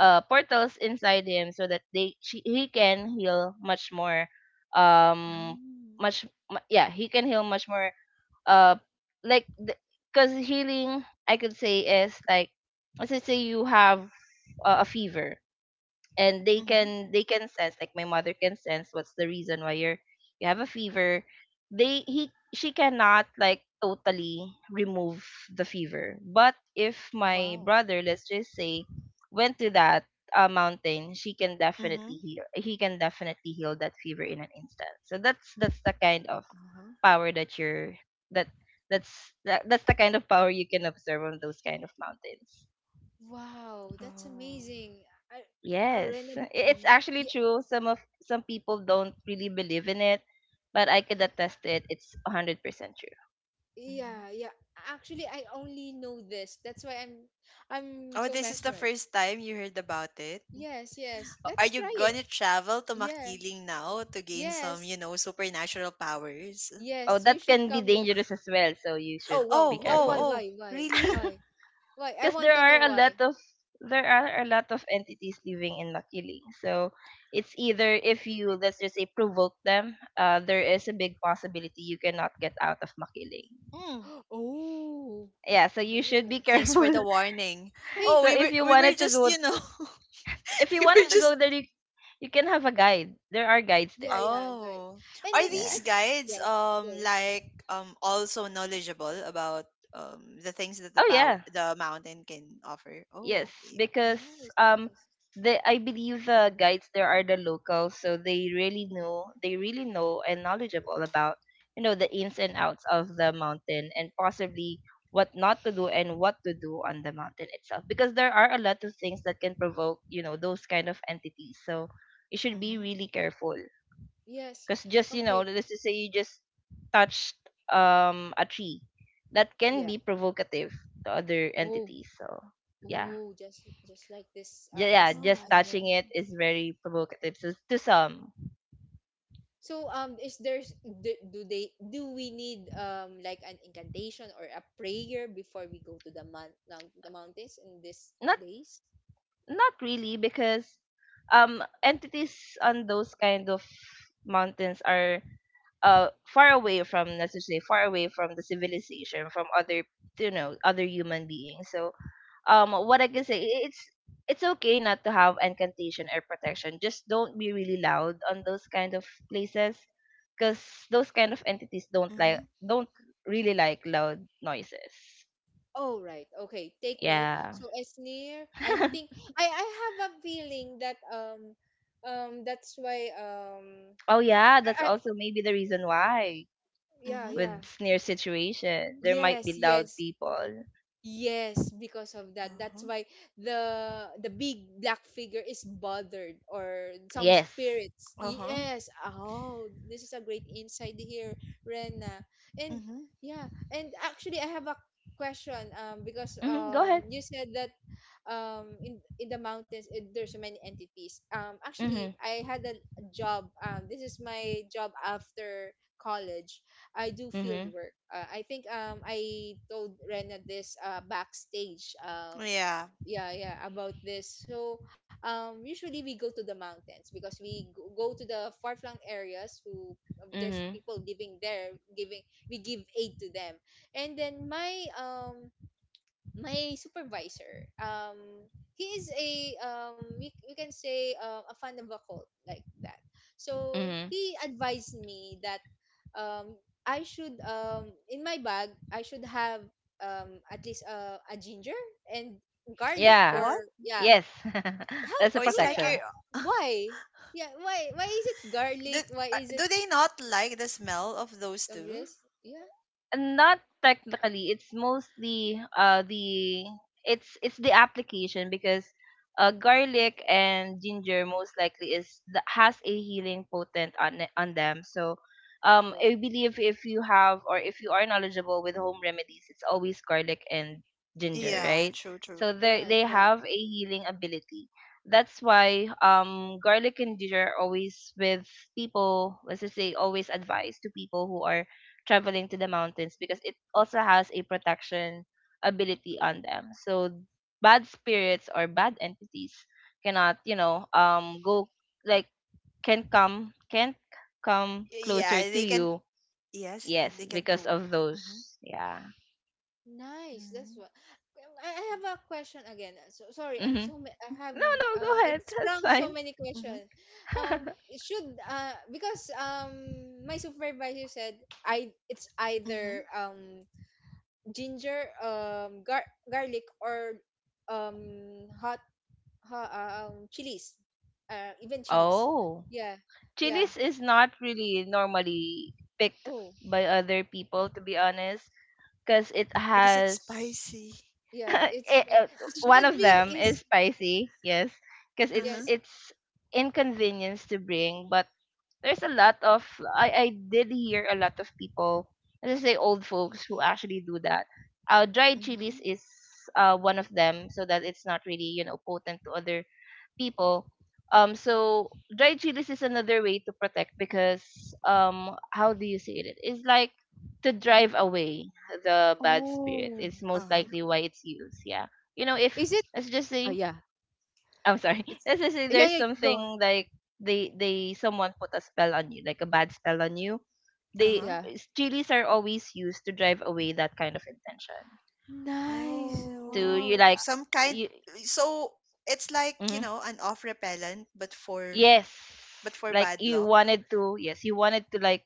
[SPEAKER 3] uh portals inside him, so that they she, he can heal much more, um
[SPEAKER 2] Mm.
[SPEAKER 3] much mu- yeah, he can heal much more, uh like, because healing, I could say, is like, let's just say, you have a, a fever, and they
[SPEAKER 2] Mm-hmm.
[SPEAKER 3] can they can sense, like my mother can sense what's the reason why you're you have a fever. They he She cannot, like, totally remove the fever, but if my
[SPEAKER 1] Wow.
[SPEAKER 3] brother, let's just say, went to that, uh, mountain, she can definitely
[SPEAKER 2] Mm-hmm.
[SPEAKER 3] heal he can definitely heal that fever in an instant. So that's, that's the kind of
[SPEAKER 2] Uh-huh.
[SPEAKER 3] power that you're, that, that's that, that's the kind of power you can observe on those kind of mountains.
[SPEAKER 1] Wow, that's
[SPEAKER 2] Oh.
[SPEAKER 1] amazing. Ar-
[SPEAKER 3] Yes,
[SPEAKER 1] Arena,
[SPEAKER 3] i- it's actually
[SPEAKER 1] yeah,
[SPEAKER 3] true. Some of some people don't really believe in it, but I could attest to it. It's one hundred percent true.
[SPEAKER 2] Mm-hmm.
[SPEAKER 1] yeah, yeah. Actually, I only know this. That's why I'm I'm
[SPEAKER 2] Oh,
[SPEAKER 1] so
[SPEAKER 2] this is the
[SPEAKER 1] mesmerized.
[SPEAKER 2] first time you heard about it.
[SPEAKER 1] Yes, yes.
[SPEAKER 2] Are
[SPEAKER 1] Let's
[SPEAKER 2] you
[SPEAKER 1] try it.
[SPEAKER 2] gonna travel to
[SPEAKER 1] Yeah.
[SPEAKER 2] Makiling now to gain some, you
[SPEAKER 1] Yes.
[SPEAKER 2] know, supernatural powers?
[SPEAKER 3] Oh,
[SPEAKER 1] Yes, you
[SPEAKER 3] that
[SPEAKER 1] should
[SPEAKER 3] can be
[SPEAKER 1] come with.
[SPEAKER 3] dangerous as well, so you
[SPEAKER 1] Oh,
[SPEAKER 3] should
[SPEAKER 1] wow.
[SPEAKER 3] be
[SPEAKER 2] Oh,
[SPEAKER 1] Why
[SPEAKER 2] oh,
[SPEAKER 1] why
[SPEAKER 3] careful.
[SPEAKER 2] oh,
[SPEAKER 1] why why?
[SPEAKER 2] really?
[SPEAKER 3] <laughs>
[SPEAKER 1] Why? Why? I
[SPEAKER 3] Because
[SPEAKER 1] want
[SPEAKER 3] there
[SPEAKER 1] to know
[SPEAKER 3] are a
[SPEAKER 1] why.
[SPEAKER 3] lot of there are a lot of entities living in Makili. So it's either, if you, let's just say, provoke them, uh, there is a big possibility you cannot get out of Makili.
[SPEAKER 2] Mm.
[SPEAKER 1] <gasps> Oh.
[SPEAKER 3] Yeah, so you should
[SPEAKER 1] No.
[SPEAKER 3] be
[SPEAKER 2] Thanks for
[SPEAKER 3] careful.
[SPEAKER 2] the warning.
[SPEAKER 1] Hey,
[SPEAKER 3] <laughs>
[SPEAKER 2] Oh,
[SPEAKER 3] So
[SPEAKER 2] we
[SPEAKER 3] if
[SPEAKER 2] were
[SPEAKER 3] you
[SPEAKER 2] we were
[SPEAKER 3] wanted to
[SPEAKER 2] just,
[SPEAKER 3] go,
[SPEAKER 2] you know,
[SPEAKER 3] if
[SPEAKER 2] <laughs>
[SPEAKER 3] you
[SPEAKER 2] we
[SPEAKER 1] yeah,
[SPEAKER 2] were
[SPEAKER 3] wanted to
[SPEAKER 2] just
[SPEAKER 3] go there, you, you can have a guide. There are guides
[SPEAKER 1] yeah,
[SPEAKER 3] there.
[SPEAKER 1] yeah, right.
[SPEAKER 2] Oh.
[SPEAKER 1] And
[SPEAKER 2] Are
[SPEAKER 1] then
[SPEAKER 2] these
[SPEAKER 3] Yeah.
[SPEAKER 1] I've
[SPEAKER 2] guides
[SPEAKER 1] yeah,
[SPEAKER 2] um
[SPEAKER 1] go.
[SPEAKER 2] like um also knowledgeable about um the things that the
[SPEAKER 3] Oh,
[SPEAKER 2] power
[SPEAKER 3] yeah.
[SPEAKER 2] the mountain can offer?
[SPEAKER 3] Yes,
[SPEAKER 2] Oh, okay.
[SPEAKER 3] because,
[SPEAKER 1] Nice,
[SPEAKER 3] um
[SPEAKER 1] nice.
[SPEAKER 3] the I believe the guides there are the locals, so they really know they really know and knowledgeable about, you know the ins and outs of the mountain, and possibly what not to do and what to do on the mountain itself, because there are a lot of things that can provoke, you know those kind of entities. So you should be
[SPEAKER 2] Mm-hmm.
[SPEAKER 3] really careful.
[SPEAKER 1] Yes.
[SPEAKER 3] Because, just, you know,
[SPEAKER 1] Okay.
[SPEAKER 3] let's just say, you just touched um a tree. That can
[SPEAKER 1] Yeah.
[SPEAKER 3] be provocative to other
[SPEAKER 1] Oh,
[SPEAKER 3] entities. So yeah.
[SPEAKER 1] oh, just just like this.
[SPEAKER 3] Yeah,
[SPEAKER 1] Uh,
[SPEAKER 3] yeah,
[SPEAKER 1] as
[SPEAKER 2] Oh.
[SPEAKER 3] just
[SPEAKER 1] as them.
[SPEAKER 3] touching it is very provocative, so, to some.
[SPEAKER 1] So um, is there's do, do they do we need um like an incantation or a prayer before we go to the mount, mount the mountains in these
[SPEAKER 3] Not
[SPEAKER 1] days?
[SPEAKER 3] Not really, because um entities on those kind of mountains are, uh far away from, let's just say, far away from the civilization, from other you know, other human beings. So, um what I can say, i- it's it's okay not to have incantation or protection. Just don't be really loud on those kind of places, because those kind of entities don't
[SPEAKER 2] Mm-hmm.
[SPEAKER 3] like don't really like loud noises.
[SPEAKER 1] Oh right. Okay. Take note.
[SPEAKER 3] Yeah.
[SPEAKER 1] So as near,
[SPEAKER 3] <laughs>
[SPEAKER 1] I think I I have a feeling that um um that's why um
[SPEAKER 3] Oh, yeah, that's
[SPEAKER 1] I,
[SPEAKER 3] also maybe the reason why
[SPEAKER 1] yeah
[SPEAKER 2] Mm-hmm.
[SPEAKER 1] yeah,
[SPEAKER 3] with sneer situation there might
[SPEAKER 1] yes
[SPEAKER 3] be loud
[SPEAKER 1] yes,
[SPEAKER 3] people.
[SPEAKER 1] yes, because of that, that's
[SPEAKER 2] Uh-huh.
[SPEAKER 1] why the the big black figure is bothered or some
[SPEAKER 3] Yes.
[SPEAKER 1] spirits.
[SPEAKER 2] Uh-huh.
[SPEAKER 1] Yes, oh, this is a great insight here, Rena. And
[SPEAKER 2] Mm-hmm.
[SPEAKER 1] yeah, and actually I have a question, um because
[SPEAKER 3] Mhm. Go
[SPEAKER 1] um
[SPEAKER 3] ahead.
[SPEAKER 1] you said that um in in the mountains it, there's so many entities. Um, actually
[SPEAKER 3] Mhm.
[SPEAKER 1] I had a job. Um, this is my job after college. I do field
[SPEAKER 3] Mhm.
[SPEAKER 1] work. Uh, I think um I told Rena this uh backstage uh
[SPEAKER 2] Yeah.
[SPEAKER 1] yeah yeah about this. So um usually we go to the mountains because we go go to the far flung areas who, uh, there's
[SPEAKER 3] Mhm.
[SPEAKER 1] people living there giving, we give aid to them. And then my um my supervisor, um he is a um we, we can say um, a fan of occult like that. So
[SPEAKER 3] Mhm.
[SPEAKER 1] he advised me that um I should, um in my bag I should have, um at least uh, a ginger and garlic
[SPEAKER 3] Yeah.
[SPEAKER 2] What?
[SPEAKER 1] or yeah.
[SPEAKER 3] Yes. <laughs>
[SPEAKER 1] How
[SPEAKER 3] That's
[SPEAKER 2] Oh,
[SPEAKER 3] a
[SPEAKER 2] it's
[SPEAKER 1] true,
[SPEAKER 2] like
[SPEAKER 1] uh,
[SPEAKER 2] you're.
[SPEAKER 3] protection.
[SPEAKER 2] <laughs>
[SPEAKER 1] why, yeah, why why is it
[SPEAKER 2] do,
[SPEAKER 1] garlic, why
[SPEAKER 2] uh,
[SPEAKER 1] is it
[SPEAKER 2] do they not like the smell of those
[SPEAKER 1] of
[SPEAKER 2] two?
[SPEAKER 1] this? Yeah.
[SPEAKER 3] And not technically, it's mostly uh the it's it's the application, because uh, garlic and ginger most likely is, th- has a healing potent on, it- on them. So, um
[SPEAKER 1] Oh,
[SPEAKER 3] I believe, if you have, or if you are knowledgeable with home remedies, it's always garlic and ginger,
[SPEAKER 2] Yeah.
[SPEAKER 3] right?
[SPEAKER 2] True. True.
[SPEAKER 3] So they
[SPEAKER 1] right,
[SPEAKER 3] they
[SPEAKER 1] right.
[SPEAKER 3] have a healing ability. That's why, um garlic and ginger are always with people, let's just say, always advised to people who are traveling to the mountains, because it also has a protection ability on them. So bad spirits or bad entities cannot, you know, um go like can come can't come
[SPEAKER 2] Y-
[SPEAKER 3] closer
[SPEAKER 2] Yeah.
[SPEAKER 3] to
[SPEAKER 2] They can.
[SPEAKER 3] you.
[SPEAKER 2] Yes.
[SPEAKER 3] Yes,
[SPEAKER 2] They can
[SPEAKER 3] because
[SPEAKER 2] go.
[SPEAKER 3] of those.
[SPEAKER 2] Mm-hmm.
[SPEAKER 3] Yeah.
[SPEAKER 1] Nice.
[SPEAKER 2] Mm-hmm.
[SPEAKER 1] That's what. Um, I I have a question again. Uh, So sorry, I'm
[SPEAKER 3] Mhm.
[SPEAKER 1] so ma- I have
[SPEAKER 3] No, no,
[SPEAKER 1] uh
[SPEAKER 3] go
[SPEAKER 1] it
[SPEAKER 3] ahead. <laughs> That's
[SPEAKER 1] sprung so
[SPEAKER 3] fine.
[SPEAKER 1] many
[SPEAKER 2] Mm-hmm.
[SPEAKER 1] questions. Um,
[SPEAKER 3] <laughs>
[SPEAKER 1] should uh because um my supervisor said I, it's either
[SPEAKER 2] hmm
[SPEAKER 1] um ginger, um gar garlic, or um hot, ha, uh, um chilies, uh, even chilies.
[SPEAKER 3] Oh.
[SPEAKER 1] Yeah, yeah.
[SPEAKER 3] Chilies is not really normally picked
[SPEAKER 1] Oh,
[SPEAKER 3] by other people, to be honest, because it
[SPEAKER 2] Because it's
[SPEAKER 3] has
[SPEAKER 2] spicy.
[SPEAKER 3] <laughs>
[SPEAKER 1] yeah. It's
[SPEAKER 3] it,
[SPEAKER 1] like
[SPEAKER 3] uh,
[SPEAKER 1] it
[SPEAKER 3] one
[SPEAKER 1] should
[SPEAKER 3] of them
[SPEAKER 1] be
[SPEAKER 3] is
[SPEAKER 1] is
[SPEAKER 3] spicy, yes, because
[SPEAKER 2] Uh-huh.
[SPEAKER 3] it's
[SPEAKER 1] yes.
[SPEAKER 3] it's inconvenience to bring. But there's a lot of, I I did hear a lot of people, let's say old folks, who actually do that. Uh, dried chilies
[SPEAKER 2] Mm-hmm.
[SPEAKER 3] is uh one of them, so that it's not really, you know potent to other people. Um, so dried chilies is another way to protect because, um, how do you say it? It's like to drive away the bad spirit.
[SPEAKER 1] Oh,
[SPEAKER 3] It's most
[SPEAKER 2] Uh-huh.
[SPEAKER 3] likely why it's used. Yeah, you know, if,
[SPEAKER 1] is it?
[SPEAKER 3] let's just
[SPEAKER 1] Oh
[SPEAKER 3] say,
[SPEAKER 1] yeah.
[SPEAKER 3] I'm sorry, <laughs>
[SPEAKER 1] It's
[SPEAKER 3] let's just say
[SPEAKER 1] yeah,
[SPEAKER 3] there's
[SPEAKER 1] yeah, go
[SPEAKER 3] something
[SPEAKER 1] on.
[SPEAKER 3] like, they they someone put a spell on you, like a bad spell on you. They,
[SPEAKER 2] Uh-huh.
[SPEAKER 1] Yeah.
[SPEAKER 3] chilies are always used to drive away that kind of intention.
[SPEAKER 1] Nice.
[SPEAKER 3] To
[SPEAKER 1] Wow.
[SPEAKER 3] you,
[SPEAKER 2] Oh,
[SPEAKER 3] like
[SPEAKER 2] some kind.
[SPEAKER 3] you.
[SPEAKER 2] So it's like, you
[SPEAKER 3] Mm-hmm.
[SPEAKER 2] know, an off repellent, but for
[SPEAKER 3] Yes.
[SPEAKER 2] but for
[SPEAKER 3] Like
[SPEAKER 2] bad
[SPEAKER 3] you
[SPEAKER 2] luck.
[SPEAKER 3] wanted to, yes, you wanted to like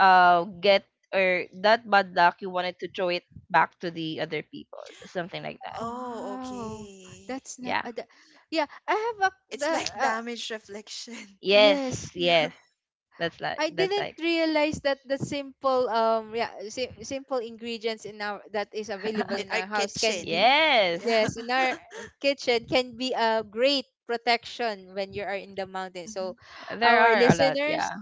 [SPEAKER 3] uh get, or that bad luck you wanted to throw it back to the other people. Something like that.
[SPEAKER 2] Oh,
[SPEAKER 1] Wow.
[SPEAKER 2] okay.
[SPEAKER 1] That's not
[SPEAKER 3] Yeah.
[SPEAKER 1] uh, that, yeah, I have a the
[SPEAKER 2] It's like
[SPEAKER 1] uh,
[SPEAKER 2] damage reflection.
[SPEAKER 3] Yes,
[SPEAKER 1] yes.
[SPEAKER 2] <laughs> Yeah.
[SPEAKER 3] yes. That's like
[SPEAKER 1] I
[SPEAKER 3] that's
[SPEAKER 1] didn't
[SPEAKER 3] like
[SPEAKER 1] realize that the simple um yeah, si- simple ingredients in our that is available
[SPEAKER 2] In
[SPEAKER 1] in
[SPEAKER 2] our
[SPEAKER 1] our house
[SPEAKER 3] <laughs>
[SPEAKER 1] can be.
[SPEAKER 2] kitchen.
[SPEAKER 3] yes.
[SPEAKER 2] Yeah.
[SPEAKER 1] Yes, and our
[SPEAKER 2] <laughs>
[SPEAKER 1] kitchen can be a great protection when you are in the mountains. So,
[SPEAKER 2] Mhm.
[SPEAKER 3] There
[SPEAKER 1] our
[SPEAKER 3] are a lot,
[SPEAKER 1] listeners,
[SPEAKER 3] yeah.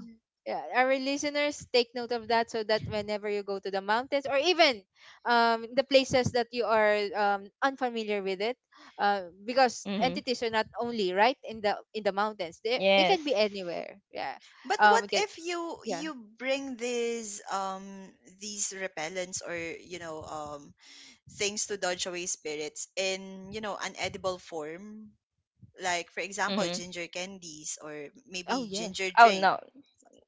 [SPEAKER 1] yeah, our listeners, take note of that so that whenever you go to the mountains or even um, the places that you are um, unfamiliar with it, uh, because
[SPEAKER 3] Mhm.
[SPEAKER 1] entities are not only right in the in the mountains. They they can
[SPEAKER 3] Yes.
[SPEAKER 1] be anywhere. Yeah.
[SPEAKER 2] But what
[SPEAKER 1] Um. Can,
[SPEAKER 2] if you
[SPEAKER 1] yeah.
[SPEAKER 2] you bring these um these repellents or you know um things to dodge away spirits in you know an edible form? Like for example,
[SPEAKER 3] Mhm.
[SPEAKER 2] ginger candies or maybe
[SPEAKER 1] Oh yeah.
[SPEAKER 2] ginger
[SPEAKER 3] Oh
[SPEAKER 2] drink,
[SPEAKER 3] no.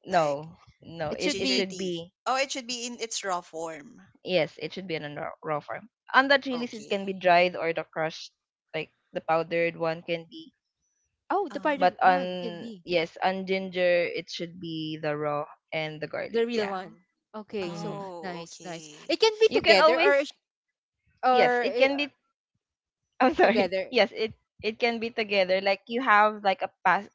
[SPEAKER 2] like
[SPEAKER 3] No. No.
[SPEAKER 1] It
[SPEAKER 3] It
[SPEAKER 1] should
[SPEAKER 3] it
[SPEAKER 2] ginger
[SPEAKER 1] be.
[SPEAKER 3] should
[SPEAKER 2] tea.
[SPEAKER 3] be,
[SPEAKER 2] Oh, it should be in its raw form.
[SPEAKER 3] yes, it should be in a raw, raw form. On that release it can
[SPEAKER 2] Okay.
[SPEAKER 3] be dried, or the crushed, like the powdered one can be.
[SPEAKER 1] Oh, the
[SPEAKER 2] Uh-huh.
[SPEAKER 1] pardon
[SPEAKER 3] But
[SPEAKER 1] one can
[SPEAKER 3] on,
[SPEAKER 1] be.
[SPEAKER 3] yes, on ginger it should be the raw, and the
[SPEAKER 1] The
[SPEAKER 3] garlic.
[SPEAKER 1] real
[SPEAKER 3] Yeah.
[SPEAKER 2] Uh-huh.
[SPEAKER 1] one. Okay, so
[SPEAKER 3] hmm
[SPEAKER 2] Oh,
[SPEAKER 1] nice, nice.
[SPEAKER 2] okay.
[SPEAKER 1] It can be
[SPEAKER 3] You can
[SPEAKER 1] together or
[SPEAKER 3] always,
[SPEAKER 1] sh-
[SPEAKER 3] yes,
[SPEAKER 1] or
[SPEAKER 3] it
[SPEAKER 1] uh,
[SPEAKER 3] can be. I'm sorry. <laughs>
[SPEAKER 1] together.
[SPEAKER 3] Yes, it it can be together. Like you have like a pass.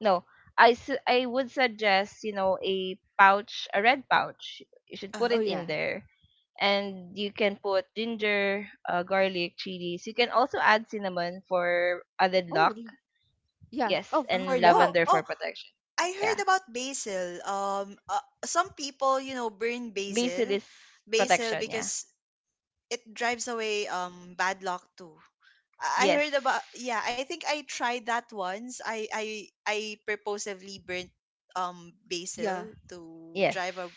[SPEAKER 3] No, I su- I would suggest, you know, a pouch, a red pouch. You should put
[SPEAKER 1] Oh
[SPEAKER 2] Uh-huh.
[SPEAKER 3] it
[SPEAKER 1] yeah.
[SPEAKER 3] in there, and you can put ginger, uh, garlic, chilies. You can also add cinnamon for added
[SPEAKER 1] Oh
[SPEAKER 3] luck.
[SPEAKER 1] re- yeah.
[SPEAKER 3] Yes,
[SPEAKER 1] Oh
[SPEAKER 2] Uh-huh.
[SPEAKER 1] for
[SPEAKER 3] and
[SPEAKER 1] luck.
[SPEAKER 2] Oh,
[SPEAKER 3] lavender for
[SPEAKER 2] oh,
[SPEAKER 3] protection.
[SPEAKER 2] I heard
[SPEAKER 3] Yeah,
[SPEAKER 2] about basil. Um, uh, some people, you know, burn
[SPEAKER 3] basil
[SPEAKER 2] basil,
[SPEAKER 3] is
[SPEAKER 2] basil
[SPEAKER 3] protection. Yeah.
[SPEAKER 2] because it drives away um bad luck too. I I heard about
[SPEAKER 3] Yes.
[SPEAKER 2] yeah, I think I tried that once. I I I purposefully burnt um
[SPEAKER 1] Yeah.
[SPEAKER 2] basil to
[SPEAKER 3] Yes.
[SPEAKER 2] drive a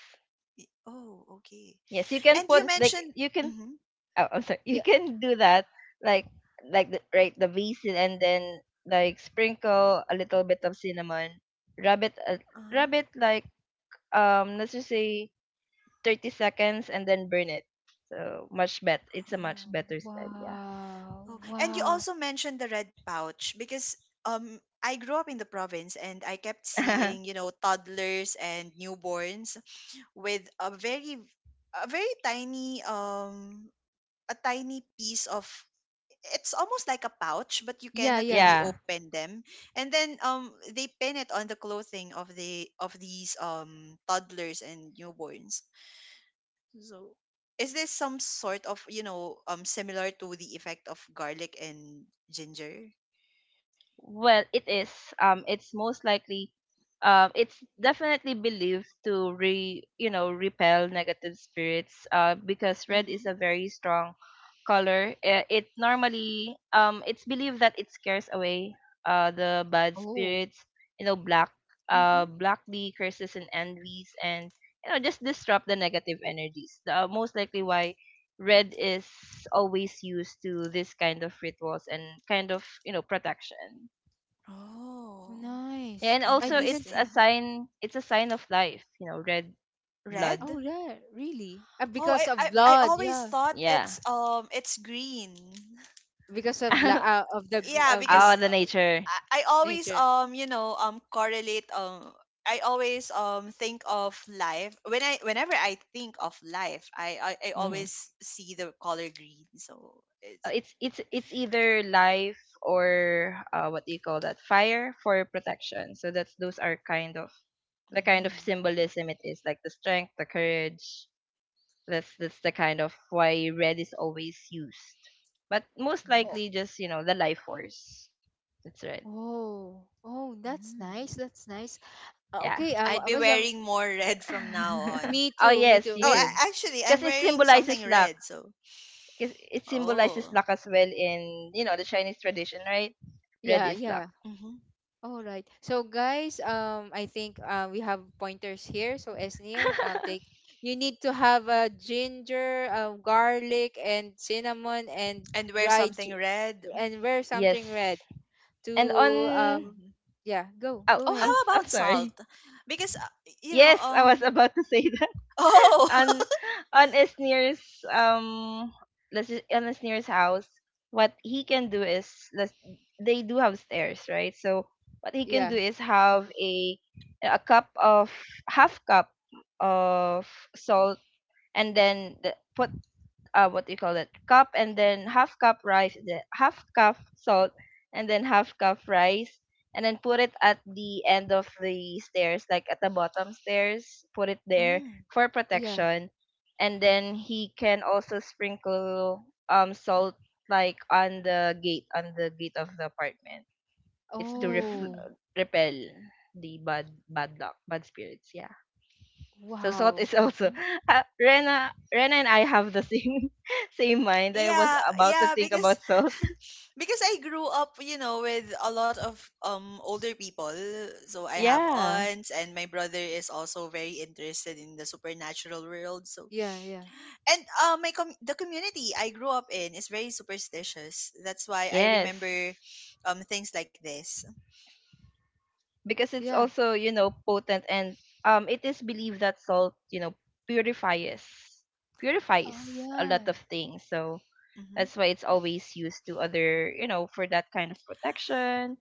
[SPEAKER 2] Oh, okay.
[SPEAKER 3] Yes, you can
[SPEAKER 2] And you
[SPEAKER 3] put like
[SPEAKER 1] That's
[SPEAKER 2] mentioned
[SPEAKER 3] you can,
[SPEAKER 2] mm-hmm,
[SPEAKER 3] oh I'm sorry. <laughs> You
[SPEAKER 1] yeah.
[SPEAKER 3] can do that like like the, right, the basin, and then like sprinkle a little bit of cinnamon. Rub it a
[SPEAKER 2] uh-huh.
[SPEAKER 3] rub it like, um let's just say thirty seconds, and then burn it. So much better. It's a much
[SPEAKER 2] Oh.
[SPEAKER 3] better spell,
[SPEAKER 1] Wow.
[SPEAKER 2] Oh, and you
[SPEAKER 1] Wow.
[SPEAKER 2] also mentioned the red pouch because um I grew up in the province and I kept
[SPEAKER 3] yeah.
[SPEAKER 2] seeing, you know, toddlers and newborns with a very a very tiny um a tiny piece of it's almost like a pouch but you
[SPEAKER 1] Yeah,
[SPEAKER 3] <laughs>
[SPEAKER 2] cannot really
[SPEAKER 1] yeah.
[SPEAKER 3] yeah.
[SPEAKER 2] open them and then um they pin it on the clothing of the of these um toddlers and newborns so, is this some sort of, you know, um, similar to the effect of garlic and ginger?
[SPEAKER 3] Well, it is. Um, it's most likely. Um, it's definitely believed to re you know, repel negative spirits. Uh, because red
[SPEAKER 2] Mm-hmm.
[SPEAKER 3] is a very strong color. Uh, It normally, um it's believed that it scares away uh the bad
[SPEAKER 1] Oh,
[SPEAKER 3] spirits. You know, black, uh
[SPEAKER 2] Mm-hmm.
[SPEAKER 3] block the curses and envies, and you know, just disrupt the negative energies. The, uh, most likely why red is always used to this kind of rituals, and kind of, you know, protection.
[SPEAKER 2] Oh,
[SPEAKER 3] Yeah,
[SPEAKER 1] nice.
[SPEAKER 3] and
[SPEAKER 1] I
[SPEAKER 3] also
[SPEAKER 1] didn't
[SPEAKER 3] it's a
[SPEAKER 1] know
[SPEAKER 2] interesting.
[SPEAKER 1] that.
[SPEAKER 3] sign, it's a sign of life, you know, red, blood.
[SPEAKER 1] Oh
[SPEAKER 2] Red?
[SPEAKER 1] yeah, really? Uh,
[SPEAKER 2] Oh, I,
[SPEAKER 1] because of
[SPEAKER 2] I,
[SPEAKER 3] Bec-
[SPEAKER 2] I
[SPEAKER 1] blood.
[SPEAKER 2] always
[SPEAKER 1] Yeah.
[SPEAKER 2] thought
[SPEAKER 3] Yeah.
[SPEAKER 2] it's um it's green.
[SPEAKER 1] Because of la
[SPEAKER 3] <laughs>
[SPEAKER 1] uh, of the gr-
[SPEAKER 2] Yeah,
[SPEAKER 1] uh,
[SPEAKER 3] Oh,
[SPEAKER 2] because
[SPEAKER 1] green
[SPEAKER 3] the
[SPEAKER 2] uh,
[SPEAKER 3] nature.
[SPEAKER 2] I, I always
[SPEAKER 1] nature.
[SPEAKER 2] um you know um correlate um I always um think of life when I whenever I think of life I I, I
[SPEAKER 3] hmm
[SPEAKER 2] always see the color green so it's
[SPEAKER 3] It's it's it's either life, or uh, what do you call that? Fire, for protection. So that's, those are kind of the kind of
[SPEAKER 2] mm.
[SPEAKER 3] symbolism it is, like the strength, the courage. That's that's the kind of why red is always used. But most
[SPEAKER 1] Oh.
[SPEAKER 3] likely just, you know, the life force. That's right.
[SPEAKER 1] Oh. Oh, that's
[SPEAKER 2] Mm.
[SPEAKER 1] nice. That's nice. Uh,
[SPEAKER 3] Yeah.
[SPEAKER 1] okay, I, wa-
[SPEAKER 2] I'd
[SPEAKER 1] I
[SPEAKER 2] be
[SPEAKER 1] was um,
[SPEAKER 2] wearing more <laughs> red from now
[SPEAKER 3] <laughs>
[SPEAKER 2] on.
[SPEAKER 1] me
[SPEAKER 3] Oh
[SPEAKER 1] too, me
[SPEAKER 3] yes,
[SPEAKER 1] too.
[SPEAKER 3] you
[SPEAKER 2] Oh,
[SPEAKER 1] When
[SPEAKER 3] should.
[SPEAKER 2] a- actually, I'm
[SPEAKER 3] Because it
[SPEAKER 2] wearing something
[SPEAKER 3] symbolizes luck.
[SPEAKER 2] red. So,
[SPEAKER 3] Because it symbolizes
[SPEAKER 2] oh,
[SPEAKER 3] luck as well in, you know, the Chinese tradition, right? Red
[SPEAKER 1] yeah,
[SPEAKER 3] is luck.
[SPEAKER 1] yeah.
[SPEAKER 2] hmm
[SPEAKER 1] All right. So guys, um I think uh, we have pointers here. So Esnir, um take
[SPEAKER 3] <laughs>
[SPEAKER 1] you need to have a ginger, uh, garlic and cinnamon and
[SPEAKER 2] and wear
[SPEAKER 1] dried
[SPEAKER 2] something
[SPEAKER 1] gi-
[SPEAKER 2] red.
[SPEAKER 1] and wear something red
[SPEAKER 3] yes. And
[SPEAKER 1] to
[SPEAKER 2] Hmm
[SPEAKER 3] on,
[SPEAKER 1] um yeah, go.
[SPEAKER 2] Oh,
[SPEAKER 3] oh,
[SPEAKER 1] Go
[SPEAKER 2] how
[SPEAKER 1] ahead.
[SPEAKER 3] I'm
[SPEAKER 2] about
[SPEAKER 3] I'm
[SPEAKER 2] salt?
[SPEAKER 3] sorry.
[SPEAKER 2] Because uh, you know,
[SPEAKER 3] Yes, I was
[SPEAKER 2] um,
[SPEAKER 3] about to say, <laughs>
[SPEAKER 2] oh,
[SPEAKER 3] on
[SPEAKER 2] <laughs>
[SPEAKER 3] on his nearest, um let's just, on his nearest house what he can do is, let's, they do have stairs, right? So what he can
[SPEAKER 1] Yeah.
[SPEAKER 3] do is have a a cup of, half cup of salt, and then the, put, uh, what do you call that, cup, and then half cup rice, the half cup salt and then half cup rice, and then put it at the end of the stairs, like at the bottom stairs, put it there
[SPEAKER 2] mm,
[SPEAKER 3] for
[SPEAKER 1] Yeah.
[SPEAKER 3] protection. And then he can also sprinkle um salt, like on the gate, on the gate of the apartment. It's to
[SPEAKER 2] mm,
[SPEAKER 3] ref-
[SPEAKER 1] Oh,
[SPEAKER 2] hmm
[SPEAKER 3] repel the bad bad luck, bad spirits. Yeah. So salt
[SPEAKER 1] wow.
[SPEAKER 3] is also, <laughs> uh, Rena, Rena and I have the same <laughs> same mind. I was
[SPEAKER 2] yeah,
[SPEAKER 3] about to
[SPEAKER 2] yeah.
[SPEAKER 3] think
[SPEAKER 2] Because
[SPEAKER 3] about salt. <laughs>
[SPEAKER 2] <laughs> because I grew up, you know, with a lot of um older people. So I have
[SPEAKER 3] Yeah.
[SPEAKER 2] aunts, and my brother is also very interested in the supernatural world. So
[SPEAKER 1] Yeah, yeah.
[SPEAKER 2] and uh, my com- the community I grew up in is very superstitious. That's why I remember
[SPEAKER 3] Yes.
[SPEAKER 2] um things like this.
[SPEAKER 3] Because it's
[SPEAKER 1] Yeah.
[SPEAKER 3] also, you know, potent, and um it is believed that salt, you know, purifies purifies
[SPEAKER 1] Oh
[SPEAKER 3] a lot
[SPEAKER 1] yeah.
[SPEAKER 3] of things. So that's
[SPEAKER 2] Hmm
[SPEAKER 3] why it's always used to other, you know, for that kind of protection,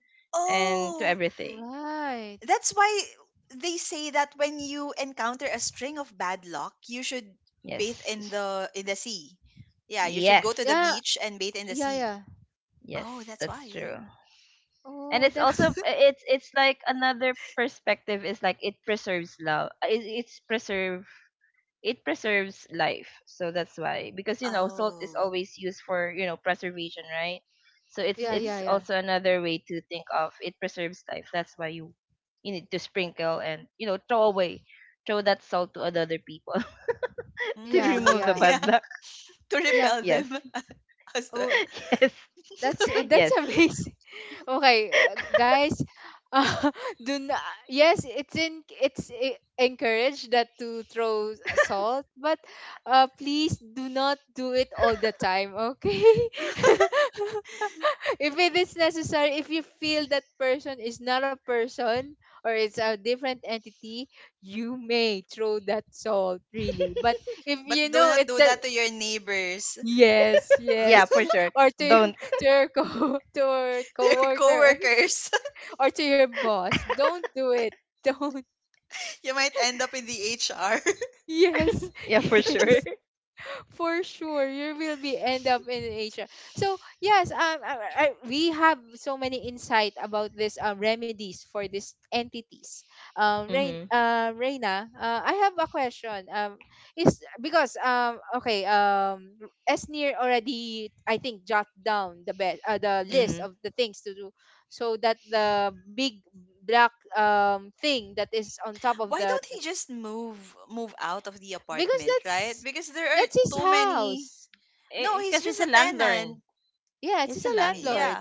[SPEAKER 3] and
[SPEAKER 2] Oh,
[SPEAKER 3] to everything.
[SPEAKER 1] Right.
[SPEAKER 2] that's why they say that when you encounter a string of bad luck, you should bathe
[SPEAKER 3] Yes.
[SPEAKER 2] in
[SPEAKER 3] s-
[SPEAKER 2] the in the sea. Yeah, you should go
[SPEAKER 3] Yes.
[SPEAKER 2] to the
[SPEAKER 1] Yeah.
[SPEAKER 2] beach and bathe in the
[SPEAKER 1] Yeah,
[SPEAKER 2] sea.
[SPEAKER 1] yeah.
[SPEAKER 2] Oh,
[SPEAKER 3] Yes,
[SPEAKER 2] that's
[SPEAKER 3] that's
[SPEAKER 2] why.
[SPEAKER 3] true. And
[SPEAKER 1] Oh,
[SPEAKER 3] it's
[SPEAKER 1] that's
[SPEAKER 3] also, it's it's like another perspective is like it preserves love, uh, it, it's preserve it preserves life, so that's why. Because you know, salt is
[SPEAKER 2] Oh.
[SPEAKER 3] always used for, you know, preservation, right? So it's
[SPEAKER 1] yeah,
[SPEAKER 2] Mm-hmm.
[SPEAKER 1] yeah,
[SPEAKER 3] it's
[SPEAKER 1] yeah.
[SPEAKER 3] also another way to think of it, preserves life, that's why you, you need to sprinkle, and you know, throw away, throw that salt to other people <laughs> to
[SPEAKER 2] Mm,
[SPEAKER 1] Yeah,
[SPEAKER 3] remove the
[SPEAKER 2] <laughs>
[SPEAKER 1] yeah.
[SPEAKER 2] yeah,
[SPEAKER 3] bad luck.
[SPEAKER 2] to
[SPEAKER 1] Yeah.
[SPEAKER 2] repel
[SPEAKER 3] Yes.
[SPEAKER 2] them <laughs> as
[SPEAKER 1] Oh.
[SPEAKER 2] well.
[SPEAKER 3] <laughs> yes.
[SPEAKER 1] That's uh, that's
[SPEAKER 3] Yes.
[SPEAKER 1] amazing. <laughs> Okay, uh, guys, uh, <laughs> do not, yes, it's in it's e- encouraged that to throw s- salt, but uh, please do not do it all the time, okay? <laughs> If it is necessary, if you feel that person is not a person or it's a different entity, you may throw that salt really. But if you
[SPEAKER 2] But do
[SPEAKER 1] know
[SPEAKER 2] not
[SPEAKER 1] it
[SPEAKER 2] do
[SPEAKER 1] that
[SPEAKER 2] that to your neighbors,
[SPEAKER 1] yes,
[SPEAKER 3] <laughs> Yeah,
[SPEAKER 1] yes.
[SPEAKER 3] for
[SPEAKER 1] <laughs>
[SPEAKER 3] sure.
[SPEAKER 1] Or to your-
[SPEAKER 3] Don't.
[SPEAKER 1] <laughs> to your co <laughs> to your
[SPEAKER 2] <laughs> to your
[SPEAKER 1] coworker <laughs>
[SPEAKER 2] coworkers.
[SPEAKER 1] or to your boss. Don't do it. Don't.
[SPEAKER 2] You might end up in the H R. <laughs>
[SPEAKER 1] Yes, <laughs>
[SPEAKER 3] Yeah, for sure.
[SPEAKER 1] yes. For sure you will be end up in H R. So yes, um, I, I, we have so many insight about this um, remedies for these entities.
[SPEAKER 3] <laughs>
[SPEAKER 1] Um, Rain,
[SPEAKER 3] Mhm.
[SPEAKER 1] uh, Reina, uh, I have a question. Um, is because um, okay, um, Esnir already I think jot down the best uh, the list
[SPEAKER 3] Mhm.
[SPEAKER 1] of the things to do, so that the big black um thing that is on top of
[SPEAKER 2] Why
[SPEAKER 1] the
[SPEAKER 2] don't he just move move out of the
[SPEAKER 1] because
[SPEAKER 2] apartment, right?
[SPEAKER 1] that's
[SPEAKER 2] Because there are
[SPEAKER 1] that's his
[SPEAKER 2] too many.
[SPEAKER 1] house.
[SPEAKER 2] No,
[SPEAKER 3] Eh,
[SPEAKER 2] he's
[SPEAKER 3] because
[SPEAKER 2] just
[SPEAKER 3] he's a
[SPEAKER 2] a
[SPEAKER 3] landlord.
[SPEAKER 2] tenant.
[SPEAKER 1] Yeah,
[SPEAKER 3] He's
[SPEAKER 1] he's
[SPEAKER 3] a
[SPEAKER 1] a
[SPEAKER 2] Y- yeah.
[SPEAKER 3] landlord.
[SPEAKER 1] landlord.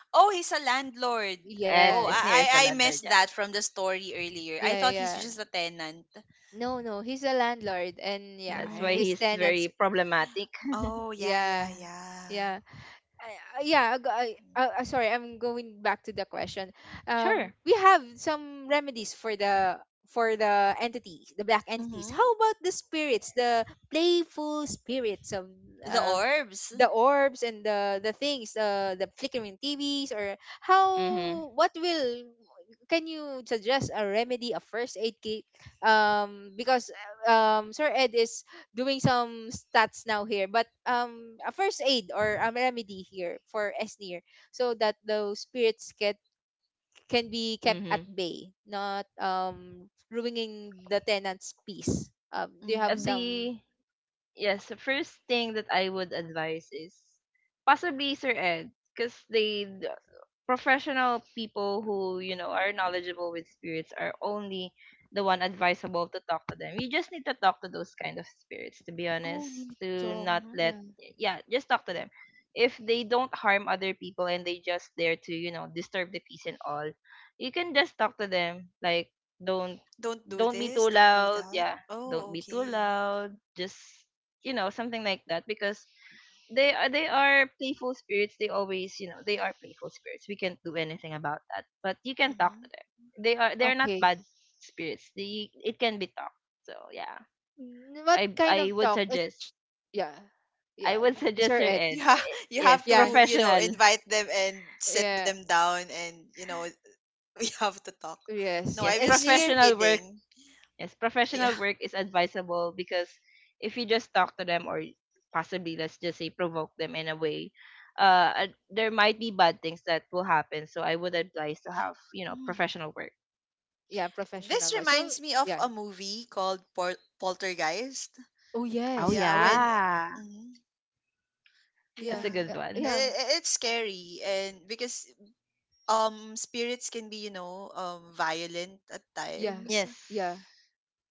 [SPEAKER 2] Oh, he's a landlord.
[SPEAKER 3] As
[SPEAKER 2] Oh,
[SPEAKER 3] Sneer
[SPEAKER 1] Yes.
[SPEAKER 3] is near as
[SPEAKER 2] I I I
[SPEAKER 3] a landlord,
[SPEAKER 2] missed
[SPEAKER 3] yeah.
[SPEAKER 2] that from the story earlier. I
[SPEAKER 1] Yeah,
[SPEAKER 2] thought he's
[SPEAKER 1] yeah, yeah.
[SPEAKER 2] just a tenant.
[SPEAKER 1] No, no, he's a landlord and
[SPEAKER 3] That's
[SPEAKER 1] yeah,
[SPEAKER 3] why
[SPEAKER 2] Mm.
[SPEAKER 1] his
[SPEAKER 3] he's very
[SPEAKER 1] tenants
[SPEAKER 3] problematic.
[SPEAKER 2] Oh, yeah, yeah,
[SPEAKER 1] yeah.
[SPEAKER 2] yeah.
[SPEAKER 1] Yeah. I- I- yeah, go- I- uh, uh, sorry, I'm going back to the question. Um,
[SPEAKER 3] Sure.
[SPEAKER 1] we have some remedies for the for the entities, the black entities.
[SPEAKER 2] Mhm.
[SPEAKER 1] How about the spirits, the playful spirits of
[SPEAKER 2] The
[SPEAKER 1] um,
[SPEAKER 2] orbs.
[SPEAKER 1] the orbs and the the things, uh, the flickering T Vs, or
[SPEAKER 3] Mm-hmm.
[SPEAKER 1] how? What will? Can you suggest a remedy, a first aid kit? Um, because uh, um, Sir Ed is doing some stats now here, but um, a first aid or a remedy here for Esnir, so that those spirits get can be kept at
[SPEAKER 3] Mm-hmm.
[SPEAKER 1] bay, not um ruining the tenant's peace. Um, do you
[SPEAKER 3] Uh,
[SPEAKER 1] have
[SPEAKER 2] Mhm.
[SPEAKER 1] some?
[SPEAKER 3] the yes, the first thing that I would advise is possibly Sir Ed, because they, professional people who, you know, are knowledgeable with spirits are only the one advisable to talk to them. You just need to talk to those kind of spirits, to be
[SPEAKER 1] Oh, we
[SPEAKER 3] honest,
[SPEAKER 1] need to
[SPEAKER 3] to
[SPEAKER 1] talk.
[SPEAKER 3] not
[SPEAKER 2] Mhm.
[SPEAKER 3] let,
[SPEAKER 1] Yeah.
[SPEAKER 3] yeah, just talk to them. If they don't harm other people, and they just there to, you know, disturb the peace and all, you can just talk to them like, don't
[SPEAKER 2] Don't do
[SPEAKER 3] don't be
[SPEAKER 2] this,
[SPEAKER 3] too
[SPEAKER 2] don't do
[SPEAKER 3] loud,
[SPEAKER 2] that.
[SPEAKER 3] yeah, don't
[SPEAKER 2] Oh,
[SPEAKER 3] be too
[SPEAKER 2] okay.
[SPEAKER 3] loud, just, you know, something like that. Because they are, they are playful spirits. They always, you know, they are playful spirits. We can't do anything about that. But you can talk
[SPEAKER 2] Mm-hmm.
[SPEAKER 3] to them. They are they're not
[SPEAKER 1] Okay.
[SPEAKER 3] bad spirits. They, it can be talked. So yeah,
[SPEAKER 1] N-
[SPEAKER 3] so
[SPEAKER 1] What
[SPEAKER 3] I
[SPEAKER 1] kind
[SPEAKER 3] I
[SPEAKER 1] of
[SPEAKER 3] would
[SPEAKER 1] talk? It's
[SPEAKER 3] suggest,
[SPEAKER 1] yeah,
[SPEAKER 3] I
[SPEAKER 1] yeah.
[SPEAKER 3] would <laughs> suggest
[SPEAKER 1] Sir
[SPEAKER 3] Sir
[SPEAKER 1] Ed.
[SPEAKER 3] Ed.
[SPEAKER 2] You have <laughs> you have
[SPEAKER 3] Yes,
[SPEAKER 1] Yeah,
[SPEAKER 2] to you know
[SPEAKER 3] professional.
[SPEAKER 2] invite them and sit
[SPEAKER 1] yeah.
[SPEAKER 2] them down and you know <laughs> we have to talk. No,
[SPEAKER 1] Yes.
[SPEAKER 2] I
[SPEAKER 3] Yes,
[SPEAKER 2] was just
[SPEAKER 1] Esnir.
[SPEAKER 3] professional work.
[SPEAKER 2] kidding.
[SPEAKER 3] Yes,
[SPEAKER 2] Yeah.
[SPEAKER 3] professional work is advisable because if you just talk to them, or possibly, let's just say, provoke them in a way, uh, uh, there might be bad things that will happen. So I would advise to have, you know,
[SPEAKER 2] Mm.
[SPEAKER 3] professional work.
[SPEAKER 1] Yeah,
[SPEAKER 2] This
[SPEAKER 1] professional. So
[SPEAKER 2] reminds me of
[SPEAKER 1] yeah.
[SPEAKER 2] a movie called Pol- poltergeist
[SPEAKER 1] Oh
[SPEAKER 3] Oh
[SPEAKER 1] yes,
[SPEAKER 2] Yeah, when
[SPEAKER 1] yes.
[SPEAKER 3] yeah,
[SPEAKER 2] Mhm.
[SPEAKER 3] that's
[SPEAKER 1] Yeah,
[SPEAKER 3] a
[SPEAKER 2] yeah
[SPEAKER 3] good
[SPEAKER 1] yeah,
[SPEAKER 3] one.
[SPEAKER 1] yeah.
[SPEAKER 2] I- I- it's scary and because um spirits can be you know um violent at
[SPEAKER 1] Yeah,
[SPEAKER 2] times.
[SPEAKER 3] Yes,
[SPEAKER 1] yeah,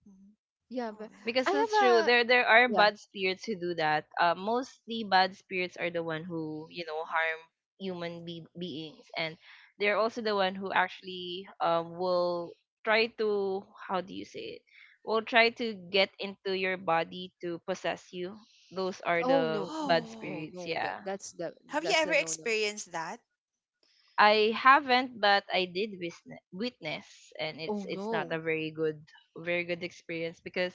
[SPEAKER 2] Mhm.
[SPEAKER 1] yeah.
[SPEAKER 2] oh,
[SPEAKER 1] But
[SPEAKER 2] and-
[SPEAKER 3] because
[SPEAKER 1] I
[SPEAKER 3] that's true.
[SPEAKER 1] have a
[SPEAKER 3] There there are
[SPEAKER 1] yeah.
[SPEAKER 3] bad spirits who do that. Uh, mostly bad spirits are the one who, you know, harm human be- beings, and they're also the one who actually um will try to, how do you say it? Will try to get into your body to possess you. Those are
[SPEAKER 1] Oh
[SPEAKER 3] the
[SPEAKER 1] no, no,
[SPEAKER 3] bad
[SPEAKER 2] oh,
[SPEAKER 1] oh
[SPEAKER 3] spirits.
[SPEAKER 1] no. That
[SPEAKER 3] Yeah.
[SPEAKER 1] that's the
[SPEAKER 2] have you
[SPEAKER 1] that's
[SPEAKER 2] ever
[SPEAKER 1] a no no.
[SPEAKER 2] experienced that
[SPEAKER 3] I haven't, but I did witness, witness, and it's
[SPEAKER 1] Oh
[SPEAKER 3] it's not a
[SPEAKER 1] no.
[SPEAKER 3] very good, very good experience. Because,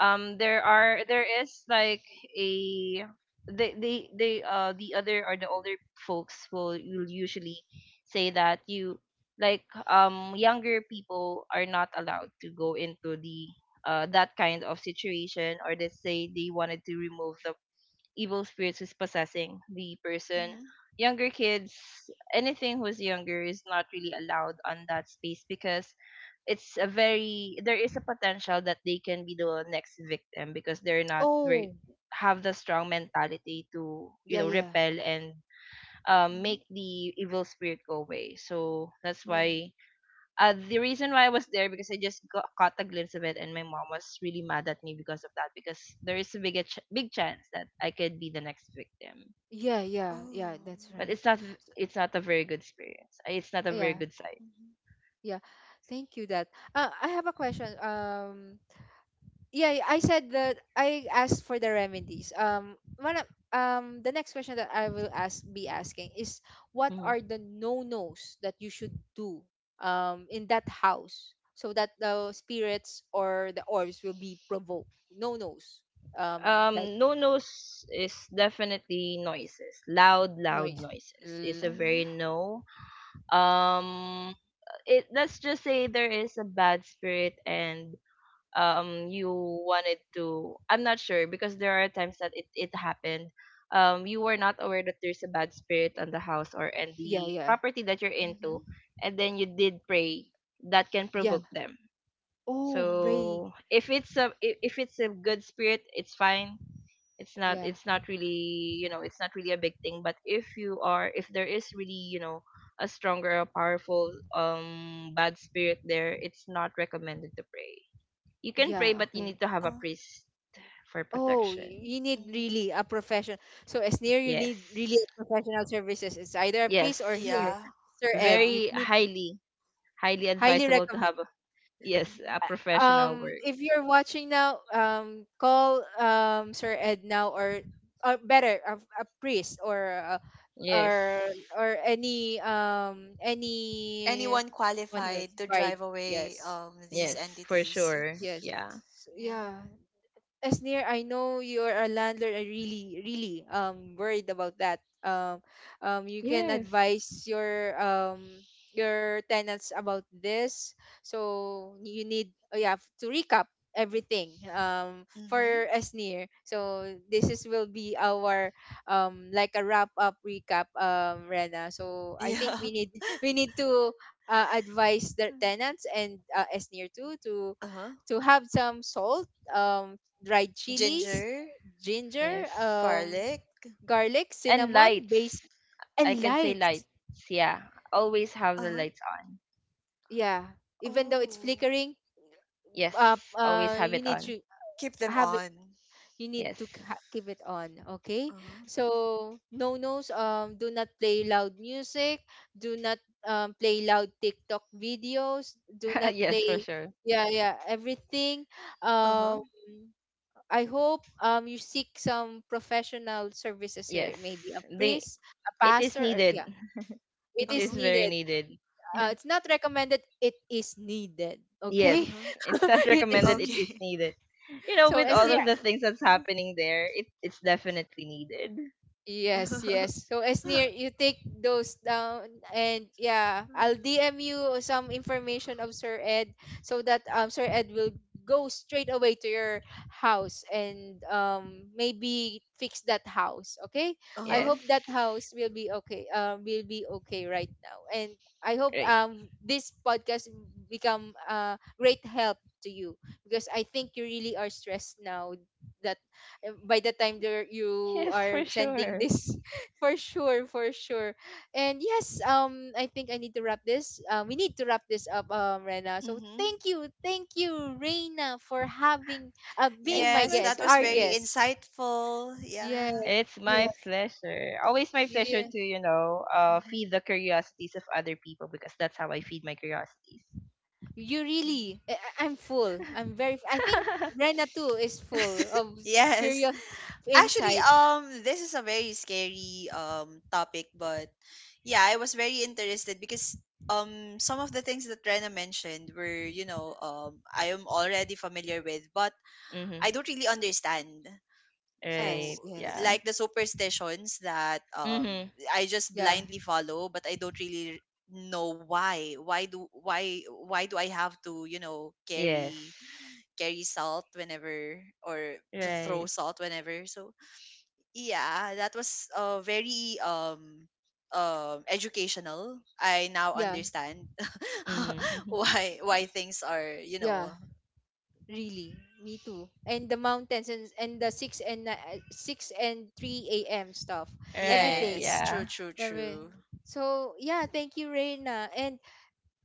[SPEAKER 3] um, there are, there is like a, they they they uh the other, or the older folks will will usually say that you, like, um younger people are not allowed to go into the, uh that kind of situation, or they say they wanted to remove the evil spirits is possessing the person.
[SPEAKER 2] mm-hmm.
[SPEAKER 3] Younger kids, anything who's younger is not really allowed on that space, because it's a very, there is a potential that they can be the next victim because they're not very,
[SPEAKER 1] Oh
[SPEAKER 3] have the strong mentality to, you
[SPEAKER 1] yeah,
[SPEAKER 3] know,
[SPEAKER 1] yeah,
[SPEAKER 3] repel and um,
[SPEAKER 2] Mm-hmm.
[SPEAKER 3] make the evil spirit go away. So that's
[SPEAKER 1] yeah,
[SPEAKER 3] why, uh, the reason why I was there, because I just got, caught a glimpse of it, and my mom was really mad at me because of that. Because there is a big a ch- big chance that I could be the next victim.
[SPEAKER 1] yeah, yeah,
[SPEAKER 2] oh
[SPEAKER 1] yeah. That's
[SPEAKER 3] But
[SPEAKER 1] right.
[SPEAKER 3] it's not,
[SPEAKER 1] So,
[SPEAKER 3] it's not a very good experience. Uh, It's not a very
[SPEAKER 1] yeah,
[SPEAKER 3] good sight.
[SPEAKER 2] Mhm,
[SPEAKER 1] yeah. Thank you. That uh, I have a question. Um, yeah, I said that I asked for the remedies. Um, one of- um, the next question that I will ask be asking is what
[SPEAKER 3] Mhm.
[SPEAKER 1] are the no nos that you should do um in that house so that the spirits or the orbs will be provoked. No nos. Um, like
[SPEAKER 3] Um, no nos is definitely noises. Loud, loud
[SPEAKER 1] noise.
[SPEAKER 3] noises is
[SPEAKER 1] L-
[SPEAKER 3] a very
[SPEAKER 2] mhm,
[SPEAKER 3] no. Um, it, let's just say there is a bad spirit, and um you wanted to, I'm not sure, because there are times that it, it happened, um you were not aware that there's a bad spirit on the house, or and
[SPEAKER 1] yeah,
[SPEAKER 3] the
[SPEAKER 1] yeah,
[SPEAKER 3] property that you're
[SPEAKER 2] mhm,
[SPEAKER 3] into, and then you did pray, that can
[SPEAKER 1] yeah.
[SPEAKER 3] provoke them.
[SPEAKER 1] Oh,
[SPEAKER 2] mhm.
[SPEAKER 1] praying.
[SPEAKER 3] So if it's a, if if it's a good spirit it's fine, it's not,
[SPEAKER 1] Yeah,
[SPEAKER 3] it's not really, you know, it's not really a big thing. But if you are, if there is really, you know, a stronger or powerful um bad spirit there, it's not recommended to pray. You can
[SPEAKER 1] yeah.
[SPEAKER 3] pray, but you
[SPEAKER 1] Okay.
[SPEAKER 3] need to have a
[SPEAKER 2] Uh
[SPEAKER 3] priest for
[SPEAKER 1] Oh, y-
[SPEAKER 3] protection.
[SPEAKER 1] you need
[SPEAKER 2] mhm.
[SPEAKER 1] really a professional. So as near you need really
[SPEAKER 3] Yes.
[SPEAKER 1] a professional services. It's either a priest or
[SPEAKER 3] Yes.
[SPEAKER 1] here,
[SPEAKER 2] Yeah,
[SPEAKER 1] Sir Ed. You
[SPEAKER 2] yeah.
[SPEAKER 3] Very
[SPEAKER 1] need
[SPEAKER 3] highly, highly
[SPEAKER 1] highly
[SPEAKER 3] advisable to
[SPEAKER 1] recommend.
[SPEAKER 3] have, a, yes, a
[SPEAKER 2] Mhm.
[SPEAKER 1] Uh,
[SPEAKER 3] professional
[SPEAKER 1] Um,
[SPEAKER 3] work.
[SPEAKER 1] if you're watching now, um, call um Sir Ed now or uh, better a, a priest or a, or
[SPEAKER 3] Yes.
[SPEAKER 1] or any um any
[SPEAKER 2] Anyone
[SPEAKER 1] one who has
[SPEAKER 2] qualified to drive away
[SPEAKER 1] yes,
[SPEAKER 2] um these
[SPEAKER 3] Yes, for
[SPEAKER 2] entities?
[SPEAKER 3] sure.
[SPEAKER 1] yes,
[SPEAKER 3] Yeah.
[SPEAKER 1] so,
[SPEAKER 2] Yeah.
[SPEAKER 1] yeah. As near I know you're a landlord, I really, really um worried about that. Um, um, you can
[SPEAKER 3] Yes.
[SPEAKER 1] advise your um your tenants about this. So you need oh yeah f- to recap everything um for
[SPEAKER 2] Mhm.
[SPEAKER 1] as near. So this is will be our um like a wrap up recap um Rena. So I think
[SPEAKER 2] Yeah.
[SPEAKER 1] we need <laughs> we need to uh, advise the tenants
[SPEAKER 2] <laughs>
[SPEAKER 1] and uh, as near too to
[SPEAKER 2] Uh-huh.
[SPEAKER 1] to have some salt um dried chilies,
[SPEAKER 2] Ginger,
[SPEAKER 1] ginger,
[SPEAKER 3] Yes.
[SPEAKER 1] um,
[SPEAKER 2] garlic.
[SPEAKER 1] garlic,
[SPEAKER 3] And
[SPEAKER 1] cinnamon, base,
[SPEAKER 3] lights. I
[SPEAKER 1] and
[SPEAKER 3] can say
[SPEAKER 1] lights.
[SPEAKER 3] lights. Yeah. Always have the
[SPEAKER 2] Uh-huh.
[SPEAKER 3] lights on.
[SPEAKER 1] Yeah, even though it's
[SPEAKER 2] Oh.
[SPEAKER 1] flickering, uh,
[SPEAKER 3] Yes. Always
[SPEAKER 1] uh,
[SPEAKER 3] have
[SPEAKER 1] you
[SPEAKER 3] it
[SPEAKER 1] need
[SPEAKER 3] on.
[SPEAKER 1] to
[SPEAKER 2] Keep them
[SPEAKER 1] have it.
[SPEAKER 2] on.
[SPEAKER 1] You need to k-
[SPEAKER 3] Yes.
[SPEAKER 1] ha- keep it on. Okay.
[SPEAKER 2] Uh-huh.
[SPEAKER 1] So no nos. Um, do not play loud music. Do not um, play loud TikTok videos. Do
[SPEAKER 3] <laughs>
[SPEAKER 1] not
[SPEAKER 3] yes, for
[SPEAKER 1] play.
[SPEAKER 3] sure.
[SPEAKER 1] Yeah, yeah. Everything.
[SPEAKER 2] Uh-huh.
[SPEAKER 1] Um. I hope um you seek some professional services here, maybe a
[SPEAKER 3] Yes. They,
[SPEAKER 1] priest, a
[SPEAKER 3] it is
[SPEAKER 1] pastor, or yeah,
[SPEAKER 3] needed.
[SPEAKER 1] it
[SPEAKER 3] It
[SPEAKER 1] is
[SPEAKER 3] is
[SPEAKER 2] Uh-huh.
[SPEAKER 3] very
[SPEAKER 1] needed.
[SPEAKER 3] needed.
[SPEAKER 1] Uh,
[SPEAKER 3] Yeah.
[SPEAKER 1] it's not recommended. It is needed.
[SPEAKER 3] Yes,
[SPEAKER 1] Okay,
[SPEAKER 2] Uh-huh.
[SPEAKER 3] it's not <laughs>
[SPEAKER 1] <laughs> it is.
[SPEAKER 3] recommended. It is
[SPEAKER 2] Okay.
[SPEAKER 3] needed. You know,
[SPEAKER 1] So
[SPEAKER 3] with
[SPEAKER 1] as
[SPEAKER 3] all
[SPEAKER 1] near
[SPEAKER 3] of the things that's
[SPEAKER 2] <laughs>
[SPEAKER 3] happening there, it, it's definitely needed.
[SPEAKER 1] yes, yes. So as near you take those down and yeah, I'll D M you some information of Sir Ed so that um Sir Ed will go straight away to your house and um maybe fix that house, okay? I
[SPEAKER 3] Yes.
[SPEAKER 2] Uh-huh.
[SPEAKER 1] hope that house will be okay. Um will be okay right now. And I hope
[SPEAKER 3] Right. <laughs>
[SPEAKER 1] um this podcast become a great help to you because I think you really are stressed now that uh, by the time there you
[SPEAKER 3] Yes, for
[SPEAKER 1] are sending
[SPEAKER 3] sure.
[SPEAKER 1] this <laughs> for sure for sure. And yes, um I think I need to wrap this. Uh, we need to wrap this up um rena, so
[SPEAKER 2] Mhm.
[SPEAKER 1] thank you thank you reina for having uh being
[SPEAKER 3] It's
[SPEAKER 1] my
[SPEAKER 2] Yes,
[SPEAKER 3] my
[SPEAKER 1] guest
[SPEAKER 2] that was
[SPEAKER 1] our
[SPEAKER 2] very
[SPEAKER 3] pleasure.
[SPEAKER 1] guest.
[SPEAKER 2] insightful.
[SPEAKER 1] Yes,
[SPEAKER 2] Yeah.
[SPEAKER 3] It's my
[SPEAKER 1] yes,
[SPEAKER 3] pleasure. Always my pleasure
[SPEAKER 1] yeah,
[SPEAKER 3] to, you know, uh,
[SPEAKER 2] Mhm,
[SPEAKER 3] feed the curiosities of other people, because that's how I feed my curiosities.
[SPEAKER 1] you
[SPEAKER 2] mhm.
[SPEAKER 1] really I- I- I'm full I'm very I think
[SPEAKER 3] <laughs>
[SPEAKER 1] rena too is full of
[SPEAKER 2] Yes.
[SPEAKER 1] curious
[SPEAKER 2] <laughs>
[SPEAKER 1] <laughs>
[SPEAKER 2] Actually,
[SPEAKER 1] insight.
[SPEAKER 2] um, this is a very scary um topic, but yeah, I was very interested because um some of the things that Rena mentioned were, you know, um I am already familiar with, but I
[SPEAKER 3] mhm.
[SPEAKER 2] don't really understand. So
[SPEAKER 1] Yes,
[SPEAKER 3] Right. Yeah.
[SPEAKER 1] yes,
[SPEAKER 2] like the superstitions that um
[SPEAKER 3] Mhm.
[SPEAKER 2] I just
[SPEAKER 1] yeah,
[SPEAKER 2] blindly follow, but I don't really know why. Why do why why do I have to, you know, carry
[SPEAKER 3] Yes.
[SPEAKER 2] carry salt whenever or to throw
[SPEAKER 3] Right.
[SPEAKER 2] salt whenever. So yeah, that was uh, very um um educational. I now
[SPEAKER 1] yeah,
[SPEAKER 2] understand
[SPEAKER 3] Mhm.
[SPEAKER 2] <laughs>
[SPEAKER 3] <laughs>
[SPEAKER 2] why why things are you
[SPEAKER 1] yeah.
[SPEAKER 2] know
[SPEAKER 1] Really, me too. And the mountains and, and the six and ni- uh, six and three a m stuff,
[SPEAKER 3] Right.
[SPEAKER 1] everything.
[SPEAKER 2] yes
[SPEAKER 3] Yeah.
[SPEAKER 2] true true
[SPEAKER 1] Every-
[SPEAKER 2] true.
[SPEAKER 1] So yeah, thank you, Reina. And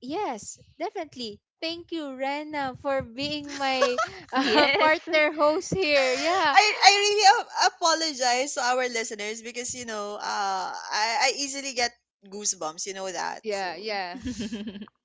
[SPEAKER 1] yes, definitely, thank you, Reina, for being my <laughs> uh,
[SPEAKER 3] Yes.
[SPEAKER 1] partner host here.
[SPEAKER 2] <laughs>
[SPEAKER 1] Yeah,
[SPEAKER 2] I I really a- apologize to our listeners because you know uh I I easily get goosebumps you know that
[SPEAKER 1] yeah,
[SPEAKER 2] so
[SPEAKER 1] yeah,
[SPEAKER 3] <laughs>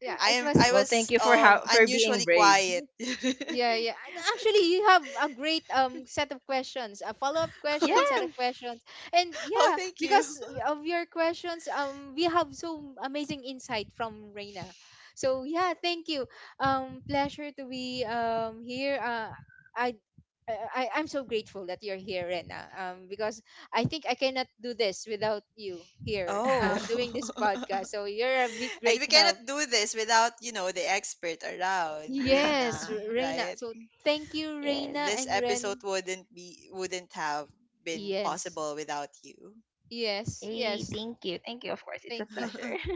[SPEAKER 1] yeah.
[SPEAKER 2] I
[SPEAKER 1] It
[SPEAKER 2] am
[SPEAKER 1] was.
[SPEAKER 2] I
[SPEAKER 3] Well, thank
[SPEAKER 2] was
[SPEAKER 3] you for,
[SPEAKER 2] um
[SPEAKER 3] how, for being
[SPEAKER 2] unusually
[SPEAKER 3] brave.
[SPEAKER 2] quiet. <laughs>
[SPEAKER 1] Yeah, yeah. And actually, you have a great um set of questions, a follow-up question,
[SPEAKER 2] Oh,
[SPEAKER 1] set
[SPEAKER 2] yeah.
[SPEAKER 1] of questions,
[SPEAKER 3] Yes.
[SPEAKER 1] and
[SPEAKER 2] Oh,
[SPEAKER 1] yeah,
[SPEAKER 2] thank you.
[SPEAKER 1] because of your questions, um, we have so amazing insight from Reina. So yeah, thank you. Um, pleasure to be um here. Uh, I. I, I- I'm so grateful that you're here, Rena, um, because I think I cannot do this without you here,
[SPEAKER 2] Oh.
[SPEAKER 1] um,
[SPEAKER 3] <laughs>
[SPEAKER 1] doing this podcast.
[SPEAKER 2] <laughs>
[SPEAKER 1] So you're a big,
[SPEAKER 2] And we
[SPEAKER 1] great help
[SPEAKER 2] cannot do this without, you know, the expert around,
[SPEAKER 1] yes,
[SPEAKER 2] Reina,
[SPEAKER 1] Reina.
[SPEAKER 2] right?
[SPEAKER 1] So thank you,
[SPEAKER 3] yes.
[SPEAKER 1] Reina
[SPEAKER 2] This
[SPEAKER 1] and Ren.
[SPEAKER 2] episode wouldn't be wouldn't have been
[SPEAKER 1] Yes.
[SPEAKER 2] possible without you.
[SPEAKER 1] Yes.
[SPEAKER 3] Hey,
[SPEAKER 1] Yes.
[SPEAKER 3] thank you. Thank you. Of course, it's a
[SPEAKER 1] Thank you.
[SPEAKER 3] pleasure.
[SPEAKER 2] <laughs>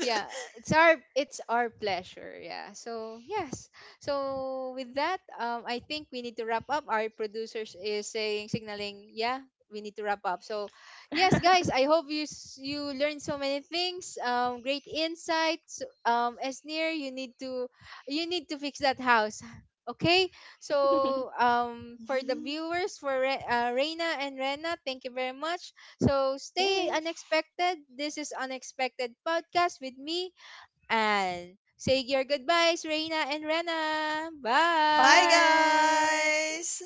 [SPEAKER 1] Yeah, it's our it's our pleasure, yeah, so yes. So with that um I think we need to wrap up our producers is saying signaling, yeah we need to wrap up. So yes guys, I hope you s- you learned so many things, um great insights, um as near you need to you need to fix that house, okay? So
[SPEAKER 3] <laughs>
[SPEAKER 1] um for the viewers, for Re- uh, reina and rena, thank you very much. So
[SPEAKER 3] <laughs>
[SPEAKER 1] stay
[SPEAKER 3] yes.
[SPEAKER 1] unexpected. This is Unexpected Podcast with me. And say your goodbyes, Reina and Rena.
[SPEAKER 2] Bye
[SPEAKER 1] Bye.
[SPEAKER 3] Bye.
[SPEAKER 2] guys.